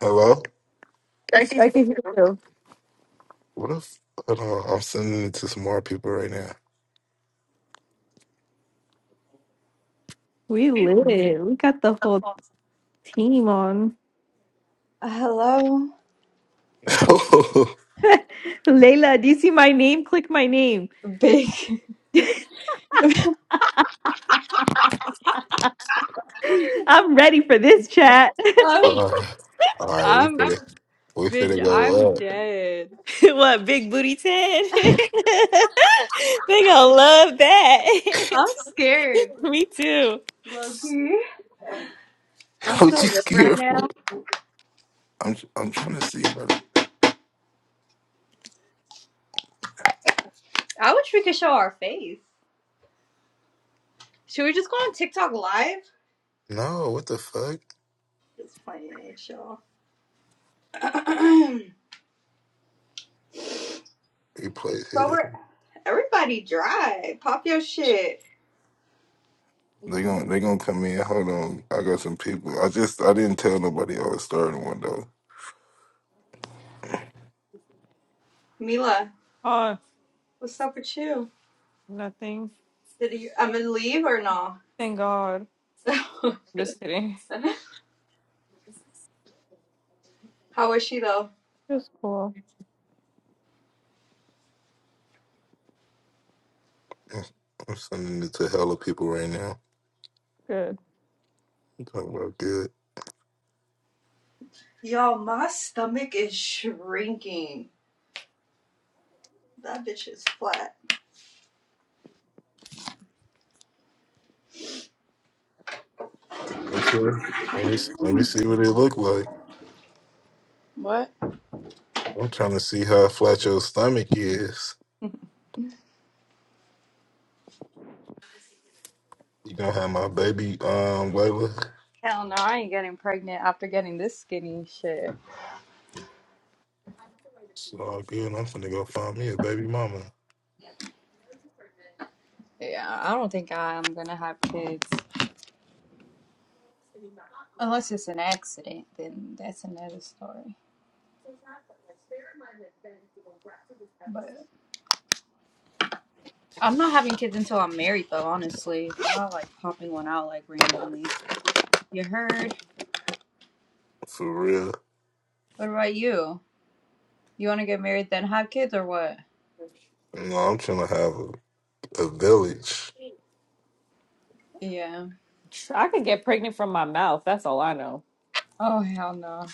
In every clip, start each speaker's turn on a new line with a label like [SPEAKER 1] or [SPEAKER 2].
[SPEAKER 1] Hello? What if
[SPEAKER 2] I can hear you.
[SPEAKER 1] hold on, I'm sending it to some more people right now.
[SPEAKER 2] We lit. We got the whole team on.
[SPEAKER 3] Hello,
[SPEAKER 1] uh,
[SPEAKER 2] Layla, do you see my name? Click my name.
[SPEAKER 3] big.
[SPEAKER 2] I'm ready for this chat.
[SPEAKER 3] I'm,
[SPEAKER 1] all right, we
[SPEAKER 3] I'm,
[SPEAKER 1] finna we
[SPEAKER 3] bitch,
[SPEAKER 1] finna go
[SPEAKER 3] I'm
[SPEAKER 1] up.
[SPEAKER 3] dead.
[SPEAKER 2] what, Big Booty 10? they gonna love
[SPEAKER 3] I'm
[SPEAKER 2] that.
[SPEAKER 3] scared,
[SPEAKER 2] Me too.
[SPEAKER 3] Loki. I'm so
[SPEAKER 1] What you
[SPEAKER 3] lit right
[SPEAKER 1] scared for?
[SPEAKER 3] now.
[SPEAKER 1] I'm I'm trying to see. Bro.
[SPEAKER 3] I wish we could show our face. Should we just go on TikTok live?
[SPEAKER 1] No, what the fuck?
[SPEAKER 3] Just playing with y'all.
[SPEAKER 1] Replace
[SPEAKER 3] so we're
[SPEAKER 1] hidden.
[SPEAKER 3] everybody dry. Pop your shit,
[SPEAKER 1] They gonna they gonna come in. Hold on, I got some people. I just I didn't tell nobody I was starting one though.
[SPEAKER 3] Mila.
[SPEAKER 2] Oh,
[SPEAKER 3] What's up with you?
[SPEAKER 2] nothing.
[SPEAKER 3] Did you? I'm gonna leave or no?
[SPEAKER 2] Thank God. I'm just kidding.
[SPEAKER 3] How is she though?
[SPEAKER 2] Just cool.
[SPEAKER 1] I'm sending it to hella people right now.
[SPEAKER 2] Good.
[SPEAKER 1] I'm talking about good.
[SPEAKER 3] Y'all, my stomach is shrinking. That bitch is flat.
[SPEAKER 1] Make sure. Let me let me see what they look like.
[SPEAKER 3] What?
[SPEAKER 1] I'm trying to see how flat your stomach is. You gonna have my baby, um, Layla.
[SPEAKER 3] Hell no, I ain't getting pregnant after getting this skinny shit.
[SPEAKER 1] It's all good. I'm finna go find me a baby mama.
[SPEAKER 3] Yeah, I don't think I'm gonna have kids. Unless it's an accident, then that's another story. But I'm not having kids until I'm married, though, honestly. I'm not like popping one out like randomly. You heard?
[SPEAKER 1] For real.
[SPEAKER 3] What about you? You wanna get married then have kids or what?
[SPEAKER 1] No, I'm trying to have a, a village.
[SPEAKER 3] Yeah.
[SPEAKER 2] I could get pregnant from my mouth. That's all I know.
[SPEAKER 3] Oh, hell no.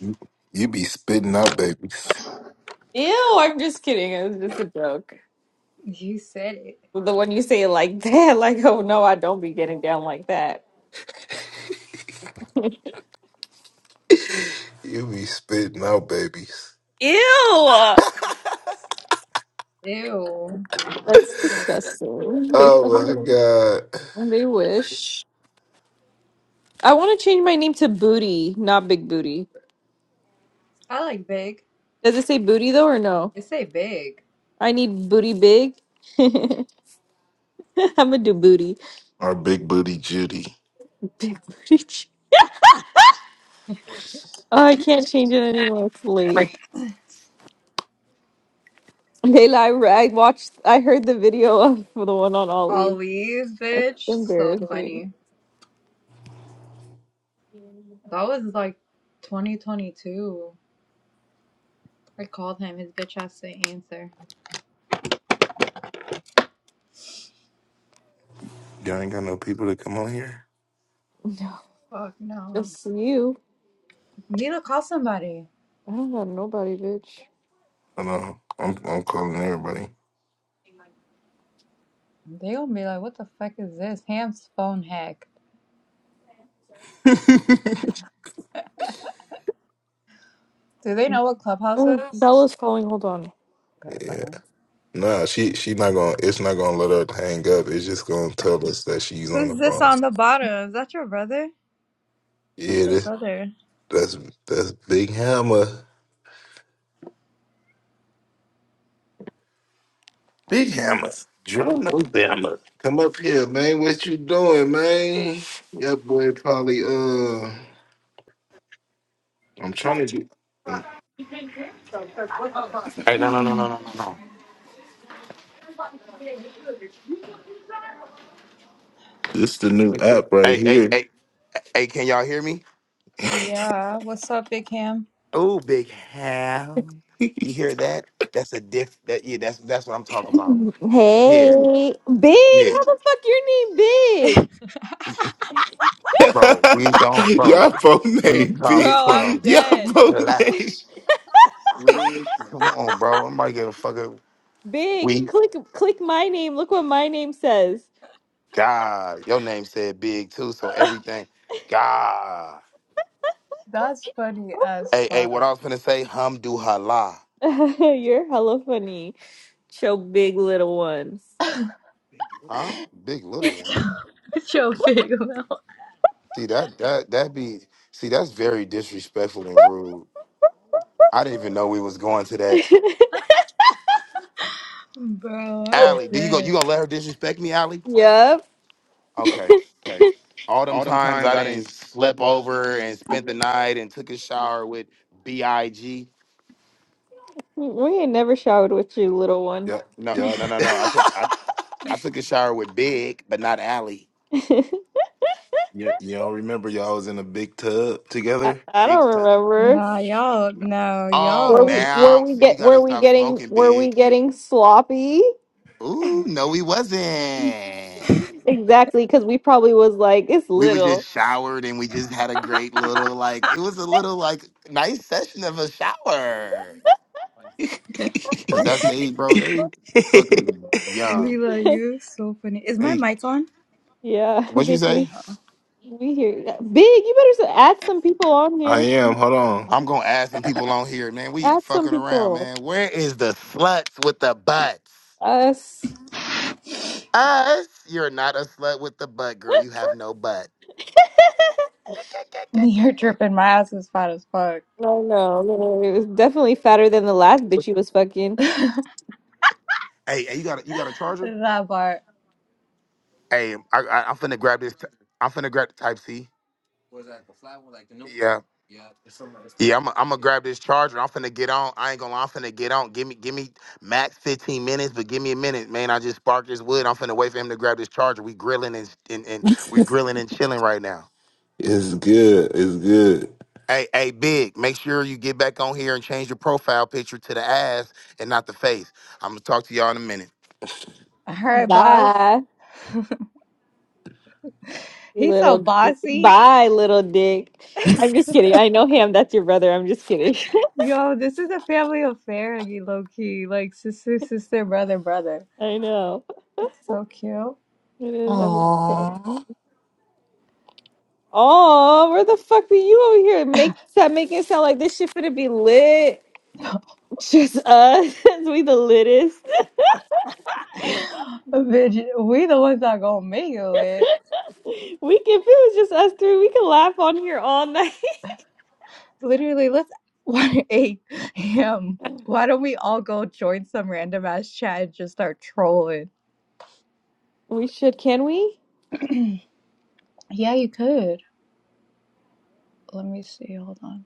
[SPEAKER 1] You you be spitting out babies.
[SPEAKER 2] Ew, I'm just kidding. It was just a joke.
[SPEAKER 3] You said it.
[SPEAKER 2] The one you say it like that, like, oh no, I don't be getting down like that.
[SPEAKER 1] You be spitting out babies.
[SPEAKER 2] Ew.
[SPEAKER 3] Ew.
[SPEAKER 2] That's disgusting. They
[SPEAKER 1] Oh my
[SPEAKER 2] fucking
[SPEAKER 1] god.
[SPEAKER 2] they wish. I want to change my name to Booty, not Big Booty.
[SPEAKER 3] I like big.
[SPEAKER 2] Does it say Booty though or no?
[SPEAKER 3] You say big.
[SPEAKER 2] I need Booty Big. I'm gonna do Booty.
[SPEAKER 1] Our big booty Judy.
[SPEAKER 2] Big Booty. Ch- Oh, I can't change it anymore. It's late. Layla, I, re- I watched. I heard the video of the one on Ollie.
[SPEAKER 3] Always,
[SPEAKER 2] That's
[SPEAKER 3] bitch. So
[SPEAKER 2] embarrassing.
[SPEAKER 3] funny. That was like 2022. I called him. His bitch has to answer.
[SPEAKER 1] Y'all ain't got no people to come on here?
[SPEAKER 3] Fuck no.
[SPEAKER 2] Just you.
[SPEAKER 3] Need to call somebody.
[SPEAKER 2] I don't got nobody, bitch.
[SPEAKER 1] I know. I'm I'm calling everybody.
[SPEAKER 3] They gonna be like, what the fuck is this? Ham's phone hack. Do they know what Clubhouse
[SPEAKER 2] Oh,
[SPEAKER 3] is?
[SPEAKER 2] Bella's calling. Hold on.
[SPEAKER 3] Okay,
[SPEAKER 1] Yeah.
[SPEAKER 3] bye.
[SPEAKER 1] Nah, she she not gonna it's not gonna let her hang up. It's just gonna tell us that she's on the
[SPEAKER 3] Who's this
[SPEAKER 1] phone.
[SPEAKER 3] on the bottom? Is that your brother? That's
[SPEAKER 1] Yeah,
[SPEAKER 3] your
[SPEAKER 1] that,
[SPEAKER 3] brother.
[SPEAKER 1] that's that's Big Hammer. Big Hammer. Joe knows Hammer. Come up here, man. What you doing, man? That boy probably uh I'm trying to get
[SPEAKER 4] Hey, no, no, no, no, no, no, no.
[SPEAKER 1] this the new app right
[SPEAKER 4] Hey, hey,
[SPEAKER 1] here.
[SPEAKER 4] hey, hey, can y'all hear me?
[SPEAKER 3] yeah. What's up, Big Ham?
[SPEAKER 4] Oh, big ham! You hear that? That's a diff that yeah, that's that's what I'm talking about. Yeah,
[SPEAKER 2] Hey, Big,
[SPEAKER 4] yeah.
[SPEAKER 2] how the fuck your name Big?
[SPEAKER 3] Bro,
[SPEAKER 4] Bro, we don't bro.
[SPEAKER 1] y'all both
[SPEAKER 4] We
[SPEAKER 1] name
[SPEAKER 4] come
[SPEAKER 1] big.
[SPEAKER 3] I'm
[SPEAKER 4] from
[SPEAKER 1] Y'all
[SPEAKER 3] dead.
[SPEAKER 1] both name.
[SPEAKER 4] class. Come on, bro. I'm about to give a fucker.
[SPEAKER 2] Big,
[SPEAKER 4] We
[SPEAKER 2] click click my name. Look what my name says.
[SPEAKER 4] God. Your name said big too, so everything. God.
[SPEAKER 3] That's funny as
[SPEAKER 4] Hey, hey, what
[SPEAKER 3] fuck.
[SPEAKER 4] I was gonna say, hum do hala.
[SPEAKER 2] You're hella funny. Show big little ones.
[SPEAKER 4] Huh? Big little
[SPEAKER 3] With
[SPEAKER 4] one.
[SPEAKER 3] your, with your big mouth.
[SPEAKER 4] See that that that be see that's very disrespectful and rude. I didn't even know we was going to that.
[SPEAKER 3] Bro, I'm
[SPEAKER 4] Allie, do you go? You
[SPEAKER 3] dead.
[SPEAKER 4] gonna let her disrespect me, Allie?
[SPEAKER 2] Yep.
[SPEAKER 4] Okay. All them
[SPEAKER 3] All them
[SPEAKER 4] times
[SPEAKER 3] times
[SPEAKER 4] I
[SPEAKER 3] I
[SPEAKER 4] didn't
[SPEAKER 3] didn't
[SPEAKER 4] slept
[SPEAKER 3] slept all.
[SPEAKER 4] over and spent the night and took a shower with Big.
[SPEAKER 2] We ain't never showered with you, little one.
[SPEAKER 1] Y'all
[SPEAKER 4] No, no,
[SPEAKER 1] y'all
[SPEAKER 4] no, no. I took I I took a shower with Big, but not Allie.
[SPEAKER 2] I,
[SPEAKER 1] you y'all remember y'all was in a big tub together?
[SPEAKER 2] I
[SPEAKER 4] Big
[SPEAKER 2] don't
[SPEAKER 4] time.
[SPEAKER 2] remember.
[SPEAKER 3] Nah, y'all,
[SPEAKER 4] No.
[SPEAKER 3] no,
[SPEAKER 4] Oh,
[SPEAKER 2] Were
[SPEAKER 3] y'all.
[SPEAKER 2] we were
[SPEAKER 4] now
[SPEAKER 2] we
[SPEAKER 4] so you
[SPEAKER 2] get
[SPEAKER 4] gotta
[SPEAKER 2] were we
[SPEAKER 4] stop
[SPEAKER 2] getting
[SPEAKER 4] smoking,
[SPEAKER 2] were we
[SPEAKER 4] Big.
[SPEAKER 2] getting sloppy?
[SPEAKER 4] Ooh, no, we wasn't.
[SPEAKER 2] Exactly, because we probably was like, it's
[SPEAKER 4] We was
[SPEAKER 2] little.
[SPEAKER 4] just showered and we just had a great little like it was a little like nice session of a shower. Cause that's they, bro. They fucking young.
[SPEAKER 3] Mila, you so funny. Is my
[SPEAKER 4] They
[SPEAKER 3] mic on?
[SPEAKER 2] Yeah,
[SPEAKER 4] what you
[SPEAKER 2] bitch,
[SPEAKER 4] say?
[SPEAKER 2] we, we here. Yeah. Big, you better s- add some people on
[SPEAKER 1] I
[SPEAKER 2] here.
[SPEAKER 1] am, hold on.
[SPEAKER 4] I'm gonna ask some people on here, man. We
[SPEAKER 2] Add some
[SPEAKER 4] fucking around,
[SPEAKER 2] people.
[SPEAKER 4] man. Where is the sluts with the butts?
[SPEAKER 2] Us.
[SPEAKER 4] Us? You're not a slut with the butt, girl. You have no butt.
[SPEAKER 3] You're tripping. My ass is fat as fuck.
[SPEAKER 2] No, no, no. It was definitely fatter than the last bitch you was fucking.
[SPEAKER 4] Hey, hey, you got a, you got a charger?
[SPEAKER 3] that part.
[SPEAKER 4] Hey, I, I, I'm finna grab this. T- I'm finna grab the Type C. Yeah, I'm i am i gonna grab this charger. I'm finna get on. I ain't gonna. lie, I'm finna get on. Give me give me max 15 minutes, but give me a minute, man. I just sparked this wood. I'm finna wait for him to grab this charger. We grilling and and, and we grilling and chilling right now.
[SPEAKER 1] It's good. It's good.
[SPEAKER 4] Hey, hey, big. Make sure you get back on here and change your profile picture to the ass and not the face. I'm gonna talk to y'all in a minute.
[SPEAKER 3] Her boss.
[SPEAKER 2] Bye,
[SPEAKER 3] He's so
[SPEAKER 2] little.
[SPEAKER 3] bossy.
[SPEAKER 2] Bye, little dick. I'm just kidding. I know him. That's your brother. I'm just kidding.
[SPEAKER 3] Yo, this is a family affair, you low key. Like sister, sister, brother, brother.
[SPEAKER 2] I know.
[SPEAKER 3] That's so cute.
[SPEAKER 2] It is. I'm
[SPEAKER 1] Aww.
[SPEAKER 2] oh, where the fuck be you over here? Make that make it sound like this shit finna be lit. Just us. we the littest.
[SPEAKER 3] Bitch, we the ones that gonna make it. lit.
[SPEAKER 2] We can, if it was just us three, we could laugh on here all night.
[SPEAKER 3] Literally, let's 1 8 a.m. Why don't we all go join some random ass chat and just start trolling?
[SPEAKER 2] We should, can we?
[SPEAKER 3] Yeah, you could. Let me see. Hold on.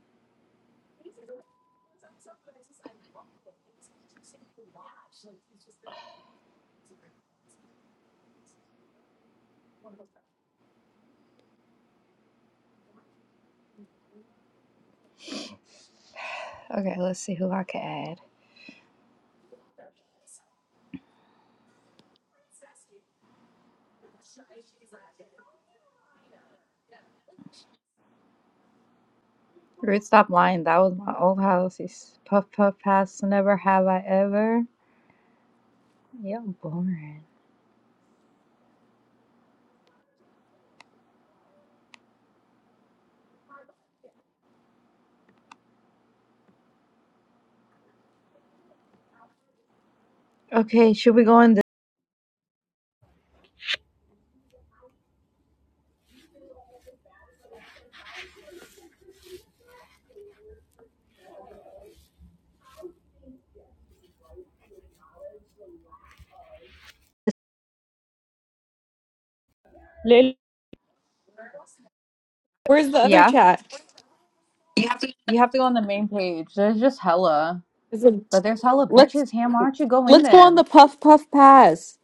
[SPEAKER 3] Okay, let's see who I can add. Root, stop lying. That was my old house. He's puff puff pass. Never have I ever. Yeah, boring. Okay, should we go in this?
[SPEAKER 2] Lily. Where's the other
[SPEAKER 3] Yeah.
[SPEAKER 2] chat?
[SPEAKER 3] You have to go on the main page. There's just hella,
[SPEAKER 2] Is it,
[SPEAKER 3] but there's hella
[SPEAKER 2] let's
[SPEAKER 3] bitches. Ham, why don't you go in
[SPEAKER 2] let's go on
[SPEAKER 3] them?
[SPEAKER 2] the puff puff pass.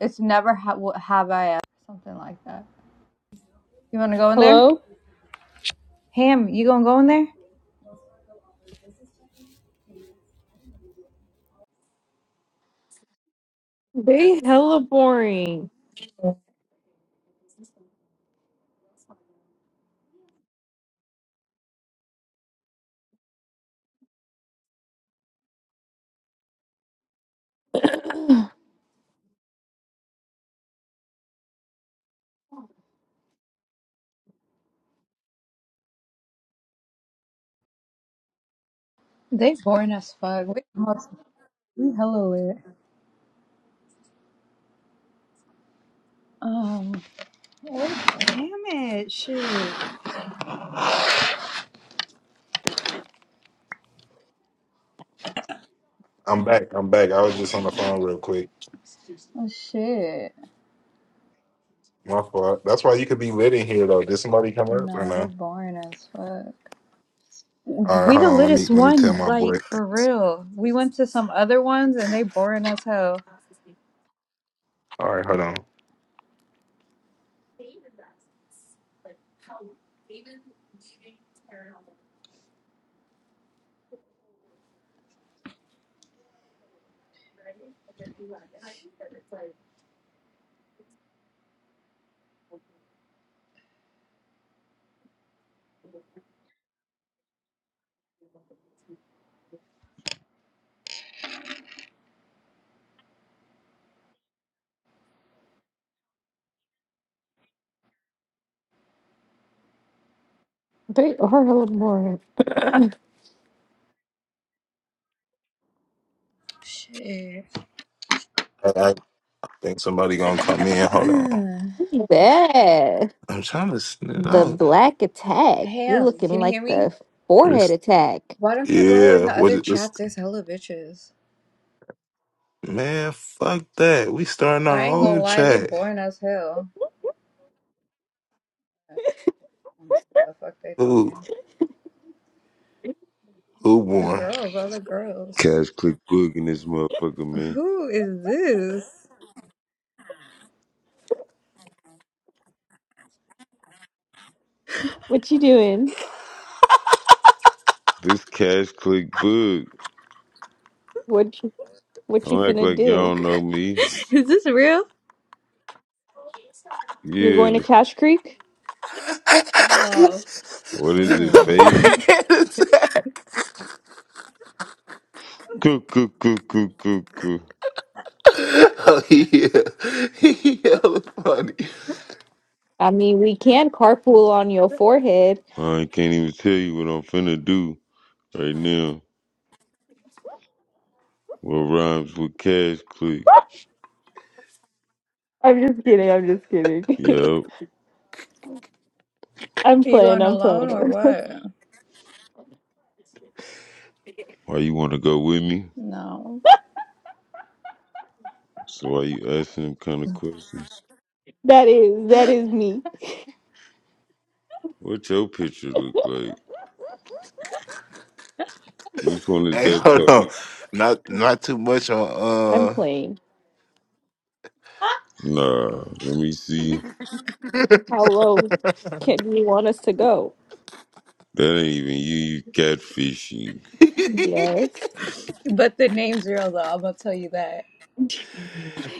[SPEAKER 3] It's never ha- wh- have I ever something like that. You want to go in there?
[SPEAKER 2] Hello?
[SPEAKER 3] Ham, you gonna go in there?
[SPEAKER 2] They hella boring.
[SPEAKER 3] They boring as fuck. We, almost- we hella lit. Um, what? Damn it, shoot.
[SPEAKER 1] I'm back. I'm back. I was just on the phone real quick.
[SPEAKER 3] Oh, shit.
[SPEAKER 1] My fault. That's why you could be lit in here though. Did somebody come up or
[SPEAKER 3] No, they
[SPEAKER 1] no?
[SPEAKER 3] boring as fuck.
[SPEAKER 1] All right,
[SPEAKER 3] We
[SPEAKER 1] hold
[SPEAKER 3] the
[SPEAKER 1] on. Let me
[SPEAKER 3] littest
[SPEAKER 1] let me tell
[SPEAKER 3] one,
[SPEAKER 1] my boy.
[SPEAKER 3] like for real. We went to some other ones and they boring as hell.
[SPEAKER 1] All right, hold on.
[SPEAKER 2] They are hella boring.
[SPEAKER 3] Shit.
[SPEAKER 1] I, I think somebody gonna come in. Hold on.
[SPEAKER 3] Ham,
[SPEAKER 2] Yeah,
[SPEAKER 1] I'm trying to send it
[SPEAKER 2] the
[SPEAKER 1] out.
[SPEAKER 2] black attack. You're looking
[SPEAKER 3] can you
[SPEAKER 2] like
[SPEAKER 3] hear me?
[SPEAKER 2] the forehead
[SPEAKER 1] It's-
[SPEAKER 2] attack.
[SPEAKER 3] Why don't you go in
[SPEAKER 1] yeah.
[SPEAKER 3] the
[SPEAKER 1] What
[SPEAKER 3] other
[SPEAKER 1] it it's,
[SPEAKER 3] chats? There's hella bitches.
[SPEAKER 1] man, fuck that. We starting our
[SPEAKER 3] I ain't gonna
[SPEAKER 1] own
[SPEAKER 3] lie, they
[SPEAKER 1] chat.
[SPEAKER 3] boring as hell. I don't know what the fuck they
[SPEAKER 1] Who
[SPEAKER 3] talking?
[SPEAKER 1] who
[SPEAKER 3] The
[SPEAKER 1] won?
[SPEAKER 3] girls, all the girls.
[SPEAKER 5] Cash Click Boog in this motherfucker, man.
[SPEAKER 3] Who is this?
[SPEAKER 2] What you doing?
[SPEAKER 5] This Cash Click Boog.
[SPEAKER 2] What you what you
[SPEAKER 5] Don't act
[SPEAKER 2] finna
[SPEAKER 5] like y'all
[SPEAKER 2] do?
[SPEAKER 5] don't know me.
[SPEAKER 3] Is this real?
[SPEAKER 2] You're going to
[SPEAKER 5] Yeah,
[SPEAKER 2] Cash Creek?
[SPEAKER 3] Oh wow.
[SPEAKER 5] what is it,
[SPEAKER 2] Mm.
[SPEAKER 5] fake?
[SPEAKER 1] born?
[SPEAKER 5] Coo, coo, coo, coo, coo, coo.
[SPEAKER 1] oh yeah. yeah, funny.
[SPEAKER 2] I mean, we can carpool on your forehead.
[SPEAKER 5] I can't even tell you what I'm finna do right now. What rhymes with Cash Click?
[SPEAKER 2] I'm just kidding. I'm just kidding.
[SPEAKER 5] Yup.
[SPEAKER 2] I'm
[SPEAKER 3] Are you
[SPEAKER 2] playing.
[SPEAKER 3] going
[SPEAKER 2] I'm
[SPEAKER 3] alone or
[SPEAKER 2] playing.
[SPEAKER 3] what?
[SPEAKER 5] Why you wanna go with me?
[SPEAKER 3] No.
[SPEAKER 5] So why you asking them kind of questions?
[SPEAKER 2] that is that is me.
[SPEAKER 5] What your picture look like? Which one is
[SPEAKER 1] Hey,
[SPEAKER 5] that
[SPEAKER 1] hold on.
[SPEAKER 5] talking?
[SPEAKER 1] Not not too much
[SPEAKER 2] I'm
[SPEAKER 1] on
[SPEAKER 2] playing.
[SPEAKER 5] Nah, let me see.
[SPEAKER 2] How low can you want us to go?
[SPEAKER 5] That ain't even you, you catfishing.
[SPEAKER 1] uh
[SPEAKER 2] Yes.
[SPEAKER 3] But the name's real though, I'm gonna tell you that.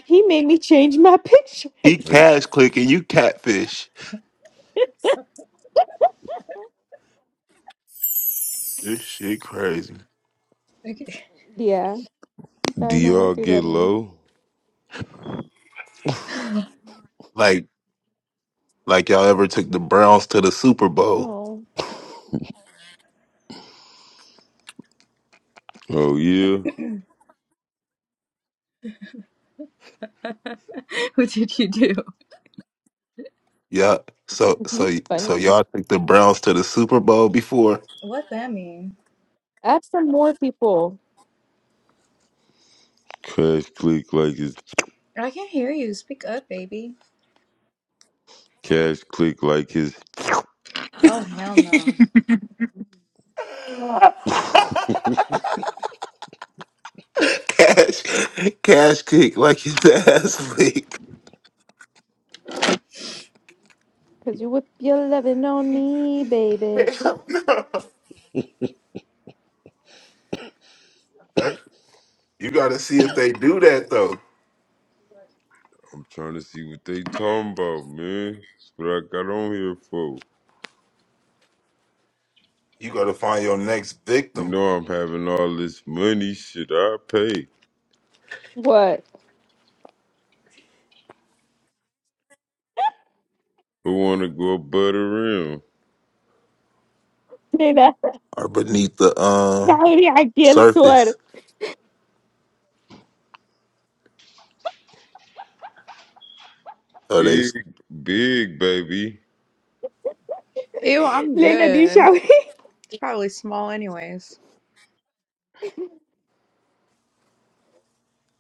[SPEAKER 2] He made me change my picture.
[SPEAKER 1] he cash clicking, you catfish. This shit crazy.
[SPEAKER 3] Okay.
[SPEAKER 2] yeah,
[SPEAKER 5] Do
[SPEAKER 2] I know what
[SPEAKER 5] y'all
[SPEAKER 2] do
[SPEAKER 5] get
[SPEAKER 2] that mean.
[SPEAKER 5] low?
[SPEAKER 1] Like like y'all ever took the Browns to the Super Bowl.
[SPEAKER 2] No,
[SPEAKER 5] Oh yeah.
[SPEAKER 3] What did you do?
[SPEAKER 1] Yeah. So
[SPEAKER 2] you
[SPEAKER 1] so so
[SPEAKER 2] funny.
[SPEAKER 1] y'all took the Browns to the Super Bowl before.
[SPEAKER 3] What that mean?
[SPEAKER 2] Add some more people,
[SPEAKER 5] Cash click like his
[SPEAKER 3] I can't hear you. Speak up, baby.
[SPEAKER 5] cash click like his
[SPEAKER 3] Oh hell no.
[SPEAKER 1] cash cash kick like his ass leak.
[SPEAKER 2] cause you whip your loving on me, baby.
[SPEAKER 1] Hell no. That- you gotta see if they do that though.
[SPEAKER 5] I'm trying to see what they talking about, man. That's what I got on here for.
[SPEAKER 1] You gotta find your next
[SPEAKER 5] You
[SPEAKER 1] victim.
[SPEAKER 5] know I'm having all this money, shit I pay.
[SPEAKER 2] What?
[SPEAKER 5] Who wanna go butt around?
[SPEAKER 2] Lena,
[SPEAKER 1] Or beneath the um
[SPEAKER 2] دعوني على الصور.
[SPEAKER 1] Surface. Oh, they. he
[SPEAKER 5] Big big baby
[SPEAKER 3] Ew, I'm
[SPEAKER 2] Lena, do you
[SPEAKER 3] good.
[SPEAKER 2] shower?
[SPEAKER 3] It's probably small, anyways.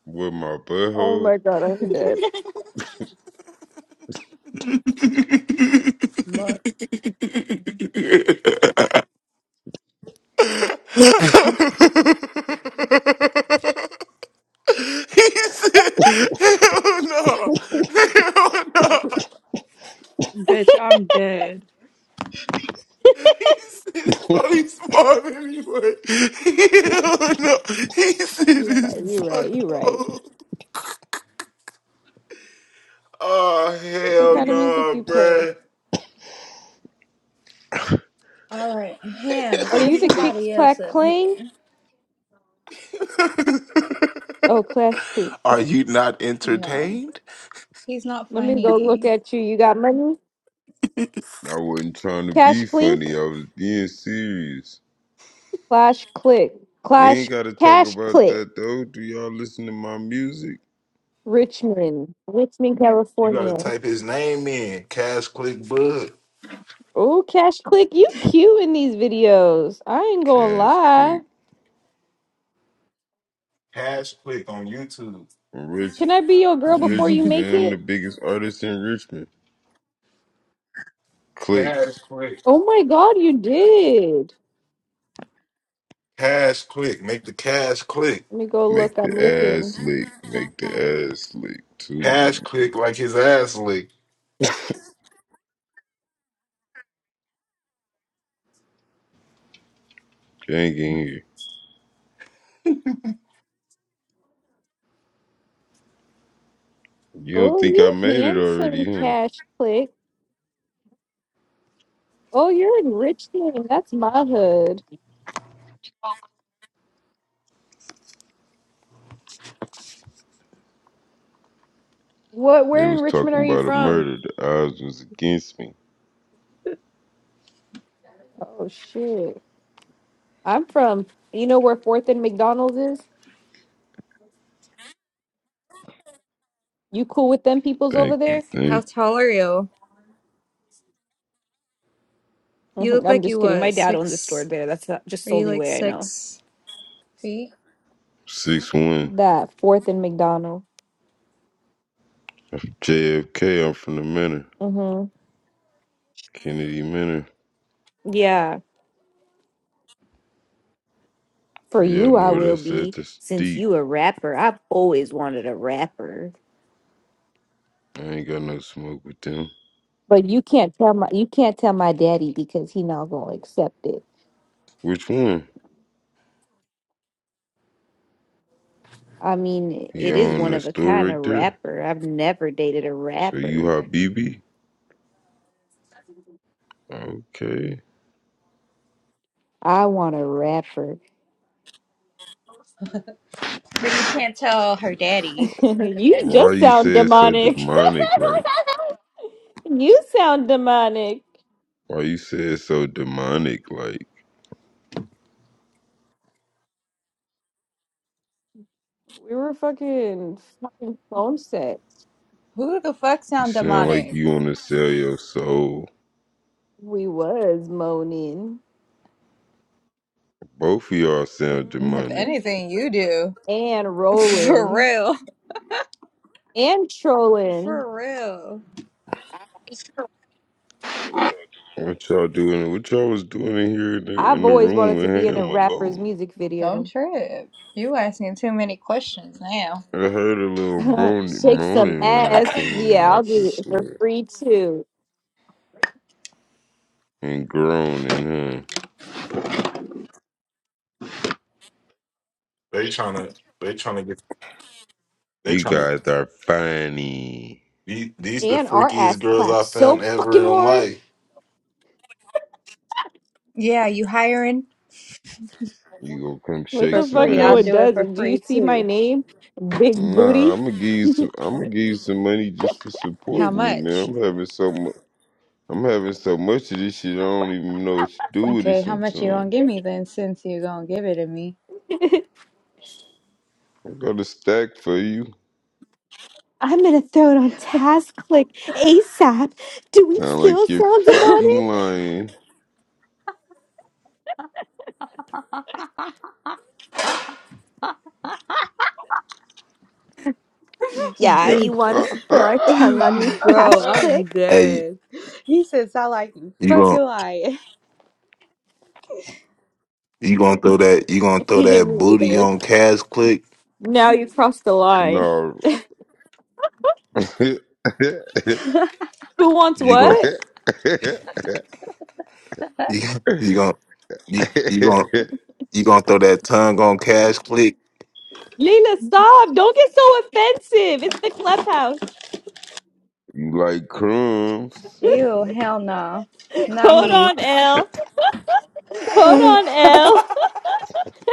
[SPEAKER 5] with my
[SPEAKER 2] Oh
[SPEAKER 5] butthole.
[SPEAKER 2] my god, I'm dead.
[SPEAKER 1] said,
[SPEAKER 3] Look.
[SPEAKER 1] "Hell no, hell no."
[SPEAKER 3] Bitch, I'm dead.
[SPEAKER 1] He said, "It's probably smart anyway." Hell no. He said,
[SPEAKER 2] You're right.
[SPEAKER 1] "It's
[SPEAKER 2] You're right. You're right.
[SPEAKER 1] butthole." Oh
[SPEAKER 2] What
[SPEAKER 1] hell
[SPEAKER 2] kind of music you
[SPEAKER 1] no,
[SPEAKER 2] play?
[SPEAKER 1] bruh.
[SPEAKER 3] Alright, Ham,
[SPEAKER 2] Are
[SPEAKER 1] Hell
[SPEAKER 3] get
[SPEAKER 2] you the
[SPEAKER 1] no.
[SPEAKER 2] kicks
[SPEAKER 3] somebody else
[SPEAKER 2] clack
[SPEAKER 3] up
[SPEAKER 2] clang?
[SPEAKER 3] here.
[SPEAKER 2] Oh, clash clink.
[SPEAKER 1] Are you not
[SPEAKER 3] No.
[SPEAKER 1] entertained?
[SPEAKER 3] He's not
[SPEAKER 2] Let me go look
[SPEAKER 3] funny.
[SPEAKER 2] at you. You got money?
[SPEAKER 5] I wasn't trying to
[SPEAKER 2] Cash
[SPEAKER 5] be funny, I
[SPEAKER 2] clink?
[SPEAKER 5] was being serious.
[SPEAKER 2] Clash click.
[SPEAKER 5] We
[SPEAKER 2] Clash
[SPEAKER 5] ain't gotta talk
[SPEAKER 2] cash
[SPEAKER 5] about
[SPEAKER 2] click.
[SPEAKER 5] that though. Do y'all listen to my music?
[SPEAKER 2] Richmond. Richmond,
[SPEAKER 1] You gotta
[SPEAKER 2] California.
[SPEAKER 1] type his name in. Cash Click Bud.
[SPEAKER 2] Oh, cash click. You cute in these videos. I ain't gonna
[SPEAKER 5] Cash
[SPEAKER 2] lie.
[SPEAKER 5] click.
[SPEAKER 1] Cash Click on YouTube.
[SPEAKER 5] rich.
[SPEAKER 2] Can I be your girl before you
[SPEAKER 5] Richmond,
[SPEAKER 2] make
[SPEAKER 5] man. I'm
[SPEAKER 2] it?
[SPEAKER 5] the biggest artist in Richmond. Click.
[SPEAKER 1] Cash Click.
[SPEAKER 2] Oh my god, you did.
[SPEAKER 1] Cash Click. Make the cash click.
[SPEAKER 2] Let me go look.
[SPEAKER 5] Make the
[SPEAKER 2] I'm looking.
[SPEAKER 5] ass lick. Make the ass lick too.
[SPEAKER 1] Cash Click like his ass lick.
[SPEAKER 5] Gang in here. You don't
[SPEAKER 2] Oh,
[SPEAKER 5] think I
[SPEAKER 2] you
[SPEAKER 5] made it already,
[SPEAKER 2] handsome
[SPEAKER 5] huh?
[SPEAKER 2] cash click. Oh, you're in Richmond. That's my hood. What?
[SPEAKER 5] They
[SPEAKER 2] Where in
[SPEAKER 5] was
[SPEAKER 2] Richmond
[SPEAKER 5] talking
[SPEAKER 2] are you
[SPEAKER 5] about a
[SPEAKER 2] from?
[SPEAKER 5] murder. The odds was against me.
[SPEAKER 2] Oh shit. I'm from you know where Fourth and McDonald's is? You cool with them peoples over
[SPEAKER 5] Thank you,
[SPEAKER 2] there?
[SPEAKER 3] How
[SPEAKER 5] thank you.
[SPEAKER 3] tall are you? You
[SPEAKER 2] Mhm,
[SPEAKER 3] look
[SPEAKER 2] I'm
[SPEAKER 3] like you
[SPEAKER 2] just kidding. My
[SPEAKER 3] what,
[SPEAKER 2] dad owns a store
[SPEAKER 3] six?
[SPEAKER 2] there. That's not, just
[SPEAKER 3] Are
[SPEAKER 2] the
[SPEAKER 3] you
[SPEAKER 2] only
[SPEAKER 3] like
[SPEAKER 2] way I know.
[SPEAKER 3] six feet?
[SPEAKER 5] Six one.
[SPEAKER 2] That Fourth and McDonald.
[SPEAKER 5] JFK, I'm from the Manor,
[SPEAKER 2] Mm-hmm.
[SPEAKER 5] Kennedy Manor.
[SPEAKER 2] Yeah. For
[SPEAKER 5] Yeah, I
[SPEAKER 2] you,
[SPEAKER 5] know
[SPEAKER 2] I
[SPEAKER 5] where
[SPEAKER 2] will
[SPEAKER 5] that's at.
[SPEAKER 2] be.
[SPEAKER 5] That's
[SPEAKER 2] Since
[SPEAKER 5] deep.
[SPEAKER 2] you a rapper, I've always wanted a rapper.
[SPEAKER 5] I ain't got no smoke with them.
[SPEAKER 2] But you can't tell my you can't tell my daddy because he not gonna accept it.
[SPEAKER 5] Which one?
[SPEAKER 2] I mean,
[SPEAKER 5] He
[SPEAKER 2] it is
[SPEAKER 5] owned
[SPEAKER 2] one
[SPEAKER 5] the
[SPEAKER 2] of a
[SPEAKER 5] store
[SPEAKER 2] kind A
[SPEAKER 5] right there.
[SPEAKER 2] rapper. I've never dated a
[SPEAKER 5] So you
[SPEAKER 2] rapper.
[SPEAKER 5] hot, Habibi? Okay.
[SPEAKER 2] I want a rapper.
[SPEAKER 3] But you can't tell her daddy.
[SPEAKER 2] you
[SPEAKER 5] Why
[SPEAKER 2] just
[SPEAKER 5] you
[SPEAKER 2] sound
[SPEAKER 5] say it so
[SPEAKER 2] demonic.
[SPEAKER 5] demonic? Like,
[SPEAKER 2] you sound demonic.
[SPEAKER 5] why you say it so demonic? Like,
[SPEAKER 2] We were fucking fucking phone sex.
[SPEAKER 3] Who the fuck
[SPEAKER 5] you
[SPEAKER 3] sound
[SPEAKER 5] sound like
[SPEAKER 3] demonic?
[SPEAKER 5] you want to sell your soul.
[SPEAKER 2] We was moaning
[SPEAKER 5] Both of y'all sound
[SPEAKER 3] If
[SPEAKER 5] demonic.
[SPEAKER 2] Mhm.
[SPEAKER 3] anything, you do.
[SPEAKER 2] and
[SPEAKER 3] For
[SPEAKER 2] rolling.
[SPEAKER 3] real.
[SPEAKER 2] and trolling.
[SPEAKER 3] For real.
[SPEAKER 5] What y'all doing? What y'all was doing in here in the,
[SPEAKER 2] I've
[SPEAKER 5] in the
[SPEAKER 2] always
[SPEAKER 5] room
[SPEAKER 2] wanted to
[SPEAKER 5] with
[SPEAKER 2] be in a
[SPEAKER 5] him
[SPEAKER 2] rapper's
[SPEAKER 5] alone?
[SPEAKER 2] music
[SPEAKER 3] Don't
[SPEAKER 2] video.
[SPEAKER 3] trip. You asking too many questions now.
[SPEAKER 5] I heard a little moaning,
[SPEAKER 2] Shake some
[SPEAKER 5] moaning when I
[SPEAKER 2] ass.
[SPEAKER 5] came in.
[SPEAKER 2] Yeah,
[SPEAKER 5] I
[SPEAKER 2] I'll
[SPEAKER 5] could have
[SPEAKER 2] do it for
[SPEAKER 5] sworn
[SPEAKER 2] free too.
[SPEAKER 5] and groaning, huh?
[SPEAKER 1] They trying to. They trying to get. They
[SPEAKER 5] You
[SPEAKER 1] trying to.
[SPEAKER 5] guys are funny.
[SPEAKER 1] These, these the
[SPEAKER 2] And our
[SPEAKER 1] freakiest
[SPEAKER 2] ass
[SPEAKER 1] girls I
[SPEAKER 2] claps so
[SPEAKER 1] found ever
[SPEAKER 2] fucking
[SPEAKER 1] in
[SPEAKER 2] hard.
[SPEAKER 1] life.
[SPEAKER 3] Yeah, you hiring?
[SPEAKER 5] You gonna come
[SPEAKER 2] What
[SPEAKER 5] shake
[SPEAKER 3] For
[SPEAKER 2] the
[SPEAKER 5] some
[SPEAKER 2] fuck?
[SPEAKER 3] free. I'll
[SPEAKER 2] No, it
[SPEAKER 5] ass?
[SPEAKER 3] do it for
[SPEAKER 2] doesn't. Do you
[SPEAKER 3] free
[SPEAKER 2] see my
[SPEAKER 3] too.
[SPEAKER 2] name? Big
[SPEAKER 5] Nah,
[SPEAKER 2] booty.
[SPEAKER 5] I'm gonna give you some. I'm gonna give you some money just for
[SPEAKER 3] How
[SPEAKER 5] supporting me, man.
[SPEAKER 3] much?
[SPEAKER 5] I'm having so much. I'm having so much of this shit. I don't even know what to do with it.
[SPEAKER 3] Okay, how much you gonna
[SPEAKER 5] Sometimes
[SPEAKER 3] give me then since you gonna give it to me?
[SPEAKER 5] I got a stack for you.
[SPEAKER 2] I'm gonna throw it on TaskClick ASAP. Do we
[SPEAKER 5] Sound
[SPEAKER 2] still
[SPEAKER 5] like you're
[SPEAKER 2] sound
[SPEAKER 5] fucking
[SPEAKER 2] demonic?
[SPEAKER 5] lying.
[SPEAKER 2] Yeah, you
[SPEAKER 3] Bitch.
[SPEAKER 2] want us to throw our tongue on you,
[SPEAKER 3] Bro,
[SPEAKER 2] Cash
[SPEAKER 3] I'm
[SPEAKER 2] Click?
[SPEAKER 1] Hey,
[SPEAKER 3] dead. He says I like you.
[SPEAKER 1] you gonna
[SPEAKER 3] Fucking lie.
[SPEAKER 1] you gonna throw that you gonna
[SPEAKER 2] Me
[SPEAKER 1] throw that booty
[SPEAKER 2] either.
[SPEAKER 1] on Cash Click?
[SPEAKER 2] Now you crossed the line.
[SPEAKER 5] no, you
[SPEAKER 2] Who wants
[SPEAKER 1] You gonna
[SPEAKER 2] what?
[SPEAKER 1] you, you gonna you, you gonna You gonna throw that tongue on cash click?
[SPEAKER 2] Lena, stop. Don't get so offensive. It's the clubhouse.
[SPEAKER 5] like crumbs.
[SPEAKER 3] Ew, hell no. Not
[SPEAKER 2] Hold
[SPEAKER 3] me.
[SPEAKER 2] on, L. Hold
[SPEAKER 1] wait,
[SPEAKER 2] on, L.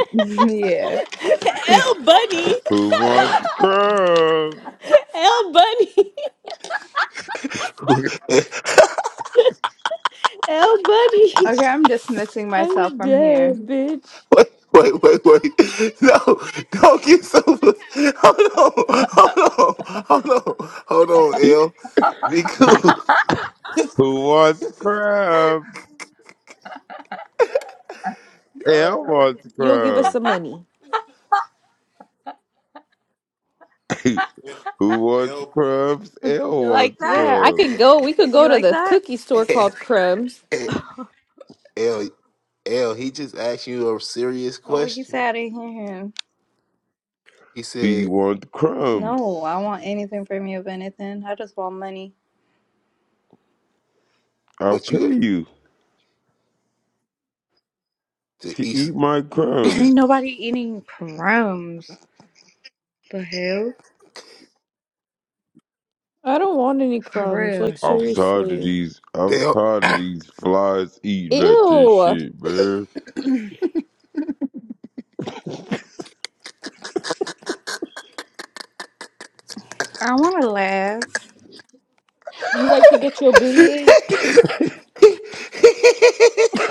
[SPEAKER 3] yeah.
[SPEAKER 2] L Bunny.
[SPEAKER 5] Who wants crumbs?
[SPEAKER 2] L Bunny. L Bunny.
[SPEAKER 3] Okay, I'm dismissing myself
[SPEAKER 2] I'm
[SPEAKER 3] from here.
[SPEAKER 2] dead, bitch.
[SPEAKER 1] wait, wait, wait. No, don't get so hold on, hold on, hold on, hold on, L. Be cool.
[SPEAKER 5] Who wants crumbs? L wants
[SPEAKER 2] You'll give us
[SPEAKER 5] crumbs.
[SPEAKER 2] some money.
[SPEAKER 5] Who wants
[SPEAKER 1] L
[SPEAKER 5] crumbs? L
[SPEAKER 3] You like
[SPEAKER 5] wants
[SPEAKER 3] that?
[SPEAKER 2] Yeah, I could
[SPEAKER 5] crumbs.
[SPEAKER 2] go. We could go
[SPEAKER 3] You
[SPEAKER 2] to
[SPEAKER 3] like
[SPEAKER 2] the
[SPEAKER 3] that?
[SPEAKER 2] cookie store called Crumbs.
[SPEAKER 1] L L he just asked you a serious
[SPEAKER 3] Oh, what he
[SPEAKER 1] question.
[SPEAKER 3] said, I didn't hear him.
[SPEAKER 1] He
[SPEAKER 5] Do you
[SPEAKER 1] said,
[SPEAKER 5] want
[SPEAKER 3] No, I
[SPEAKER 5] crumbs?
[SPEAKER 3] want anything from you, if anything. I just want money.
[SPEAKER 5] I'll
[SPEAKER 1] but
[SPEAKER 5] pay
[SPEAKER 1] you got
[SPEAKER 5] you
[SPEAKER 1] the
[SPEAKER 5] to
[SPEAKER 1] East
[SPEAKER 5] eat my
[SPEAKER 3] Ain't
[SPEAKER 5] crumbs.
[SPEAKER 3] nobody eating crumbs. The hell?
[SPEAKER 2] I don't want any
[SPEAKER 3] For
[SPEAKER 2] crumbs.
[SPEAKER 3] real.
[SPEAKER 2] Like,
[SPEAKER 5] I'm tired of
[SPEAKER 2] seriously.
[SPEAKER 5] these. I'm
[SPEAKER 1] Dale
[SPEAKER 5] tired of these flies eating at this
[SPEAKER 2] Ew.
[SPEAKER 5] shit, man.
[SPEAKER 3] I want to laugh.
[SPEAKER 2] You like to get your booty ate?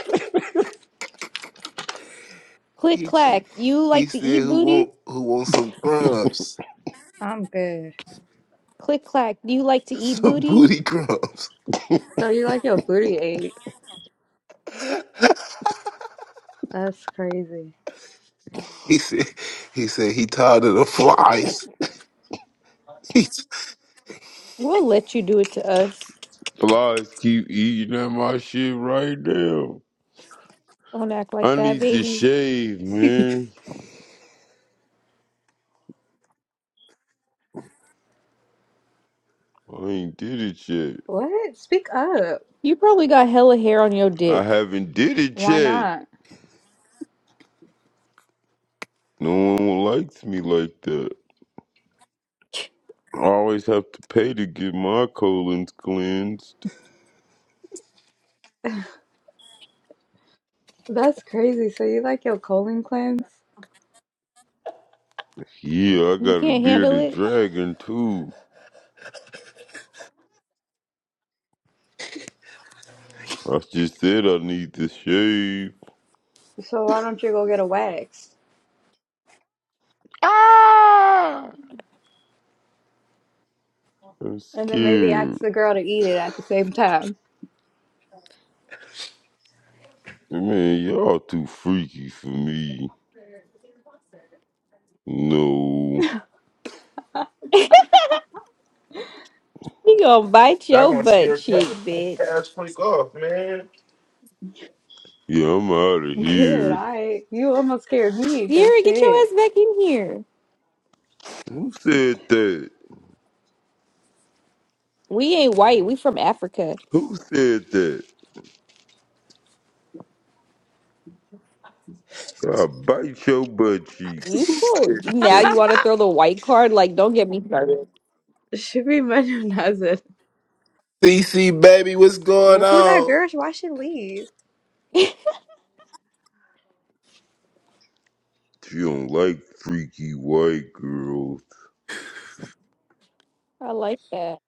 [SPEAKER 2] Click
[SPEAKER 1] He,
[SPEAKER 2] clack. You
[SPEAKER 1] he
[SPEAKER 2] like to
[SPEAKER 1] said,
[SPEAKER 2] eat
[SPEAKER 1] "Who
[SPEAKER 2] booty?
[SPEAKER 1] want who want some crumbs,
[SPEAKER 3] I'm good.
[SPEAKER 2] Click clack. Do you like to eat
[SPEAKER 1] some
[SPEAKER 2] booty?
[SPEAKER 1] booty crumbs?"
[SPEAKER 3] So you like your booty ate? That's crazy.
[SPEAKER 1] he said, "He said he tired of the flies." He,
[SPEAKER 2] We'll let you do it to us.
[SPEAKER 5] Flies keep eating at my shit right now.
[SPEAKER 2] Don't act like
[SPEAKER 5] I
[SPEAKER 2] that,
[SPEAKER 5] need to
[SPEAKER 2] baby.
[SPEAKER 5] shave, man. I ain't did it yet.
[SPEAKER 3] What? Speak up.
[SPEAKER 2] You probably got hella hair on your
[SPEAKER 5] I
[SPEAKER 2] dick.
[SPEAKER 5] haven't did it
[SPEAKER 3] Why
[SPEAKER 5] yet.
[SPEAKER 3] not?
[SPEAKER 5] No one likes me like that. I always have to pay to get my colons cleansed.
[SPEAKER 3] That's crazy. So you like your colon cleanse?
[SPEAKER 5] Yeah, I
[SPEAKER 2] You
[SPEAKER 5] got a
[SPEAKER 2] can't handle
[SPEAKER 5] bearded
[SPEAKER 2] it.
[SPEAKER 5] dragon too. I just said I need to shave.
[SPEAKER 3] So why don't you go get a wax?
[SPEAKER 5] Ah! I'm
[SPEAKER 3] And then maybe
[SPEAKER 5] scared.
[SPEAKER 3] ask the girl to eat it at the same time.
[SPEAKER 5] Man, y'all too freaky for me. No.
[SPEAKER 2] He gonna bite
[SPEAKER 1] Y'all
[SPEAKER 2] your
[SPEAKER 1] gonna
[SPEAKER 2] butt
[SPEAKER 1] scare cat
[SPEAKER 2] cheek, bitch.
[SPEAKER 1] ass quick off, man.
[SPEAKER 5] Yeah, I'm out of
[SPEAKER 3] Good,
[SPEAKER 5] here.
[SPEAKER 3] I you almost scared me, but
[SPEAKER 2] Sierra, get your ass
[SPEAKER 3] shit.
[SPEAKER 2] back in here.
[SPEAKER 5] Who said that?
[SPEAKER 2] We ain't white. We from Africa.
[SPEAKER 5] Who said that? I bite your butt cheek.
[SPEAKER 2] You
[SPEAKER 5] Who
[SPEAKER 2] so
[SPEAKER 5] said
[SPEAKER 2] now you
[SPEAKER 5] that?
[SPEAKER 2] want to throw the white card? Like, don't get me started.
[SPEAKER 3] Should be modernized.
[SPEAKER 1] CC baby, what's going
[SPEAKER 3] Who that
[SPEAKER 1] on?
[SPEAKER 3] girl? Why she leave?
[SPEAKER 5] You don't like freaky white girls.
[SPEAKER 2] I like that.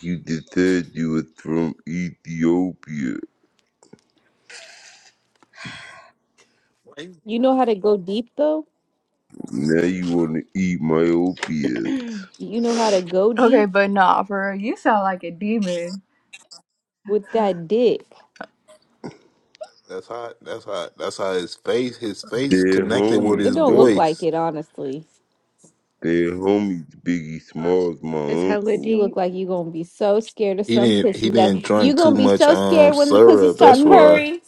[SPEAKER 5] You just said you was from Ethiopia.
[SPEAKER 1] Wait.
[SPEAKER 2] You know how to go deep though.
[SPEAKER 5] Now you want to eat my opiates.
[SPEAKER 2] You know how to go
[SPEAKER 3] okay,
[SPEAKER 2] deep
[SPEAKER 3] but nah, for real, you sound like a demon.
[SPEAKER 2] with that dick.
[SPEAKER 1] That's how. That's how. That's how his face his face
[SPEAKER 5] They're
[SPEAKER 1] connected with
[SPEAKER 2] It
[SPEAKER 5] homies,
[SPEAKER 1] his
[SPEAKER 2] don't look
[SPEAKER 5] though.
[SPEAKER 2] like
[SPEAKER 1] voice.
[SPEAKER 2] it, honestly.
[SPEAKER 5] They're homies. Biggie Smalls,
[SPEAKER 3] It's
[SPEAKER 5] my
[SPEAKER 3] hella
[SPEAKER 2] You
[SPEAKER 5] uncle.
[SPEAKER 2] look
[SPEAKER 3] deep.
[SPEAKER 2] like you gonna be so scared of
[SPEAKER 1] He
[SPEAKER 2] some
[SPEAKER 1] didn't
[SPEAKER 2] pussy
[SPEAKER 1] he
[SPEAKER 2] that
[SPEAKER 1] didn't
[SPEAKER 2] you
[SPEAKER 1] drink too
[SPEAKER 2] gonna be
[SPEAKER 1] much
[SPEAKER 2] so
[SPEAKER 1] um
[SPEAKER 2] scared when the pussy
[SPEAKER 1] syrup.
[SPEAKER 2] start
[SPEAKER 1] That's
[SPEAKER 3] Yeah.
[SPEAKER 1] why
[SPEAKER 2] purring.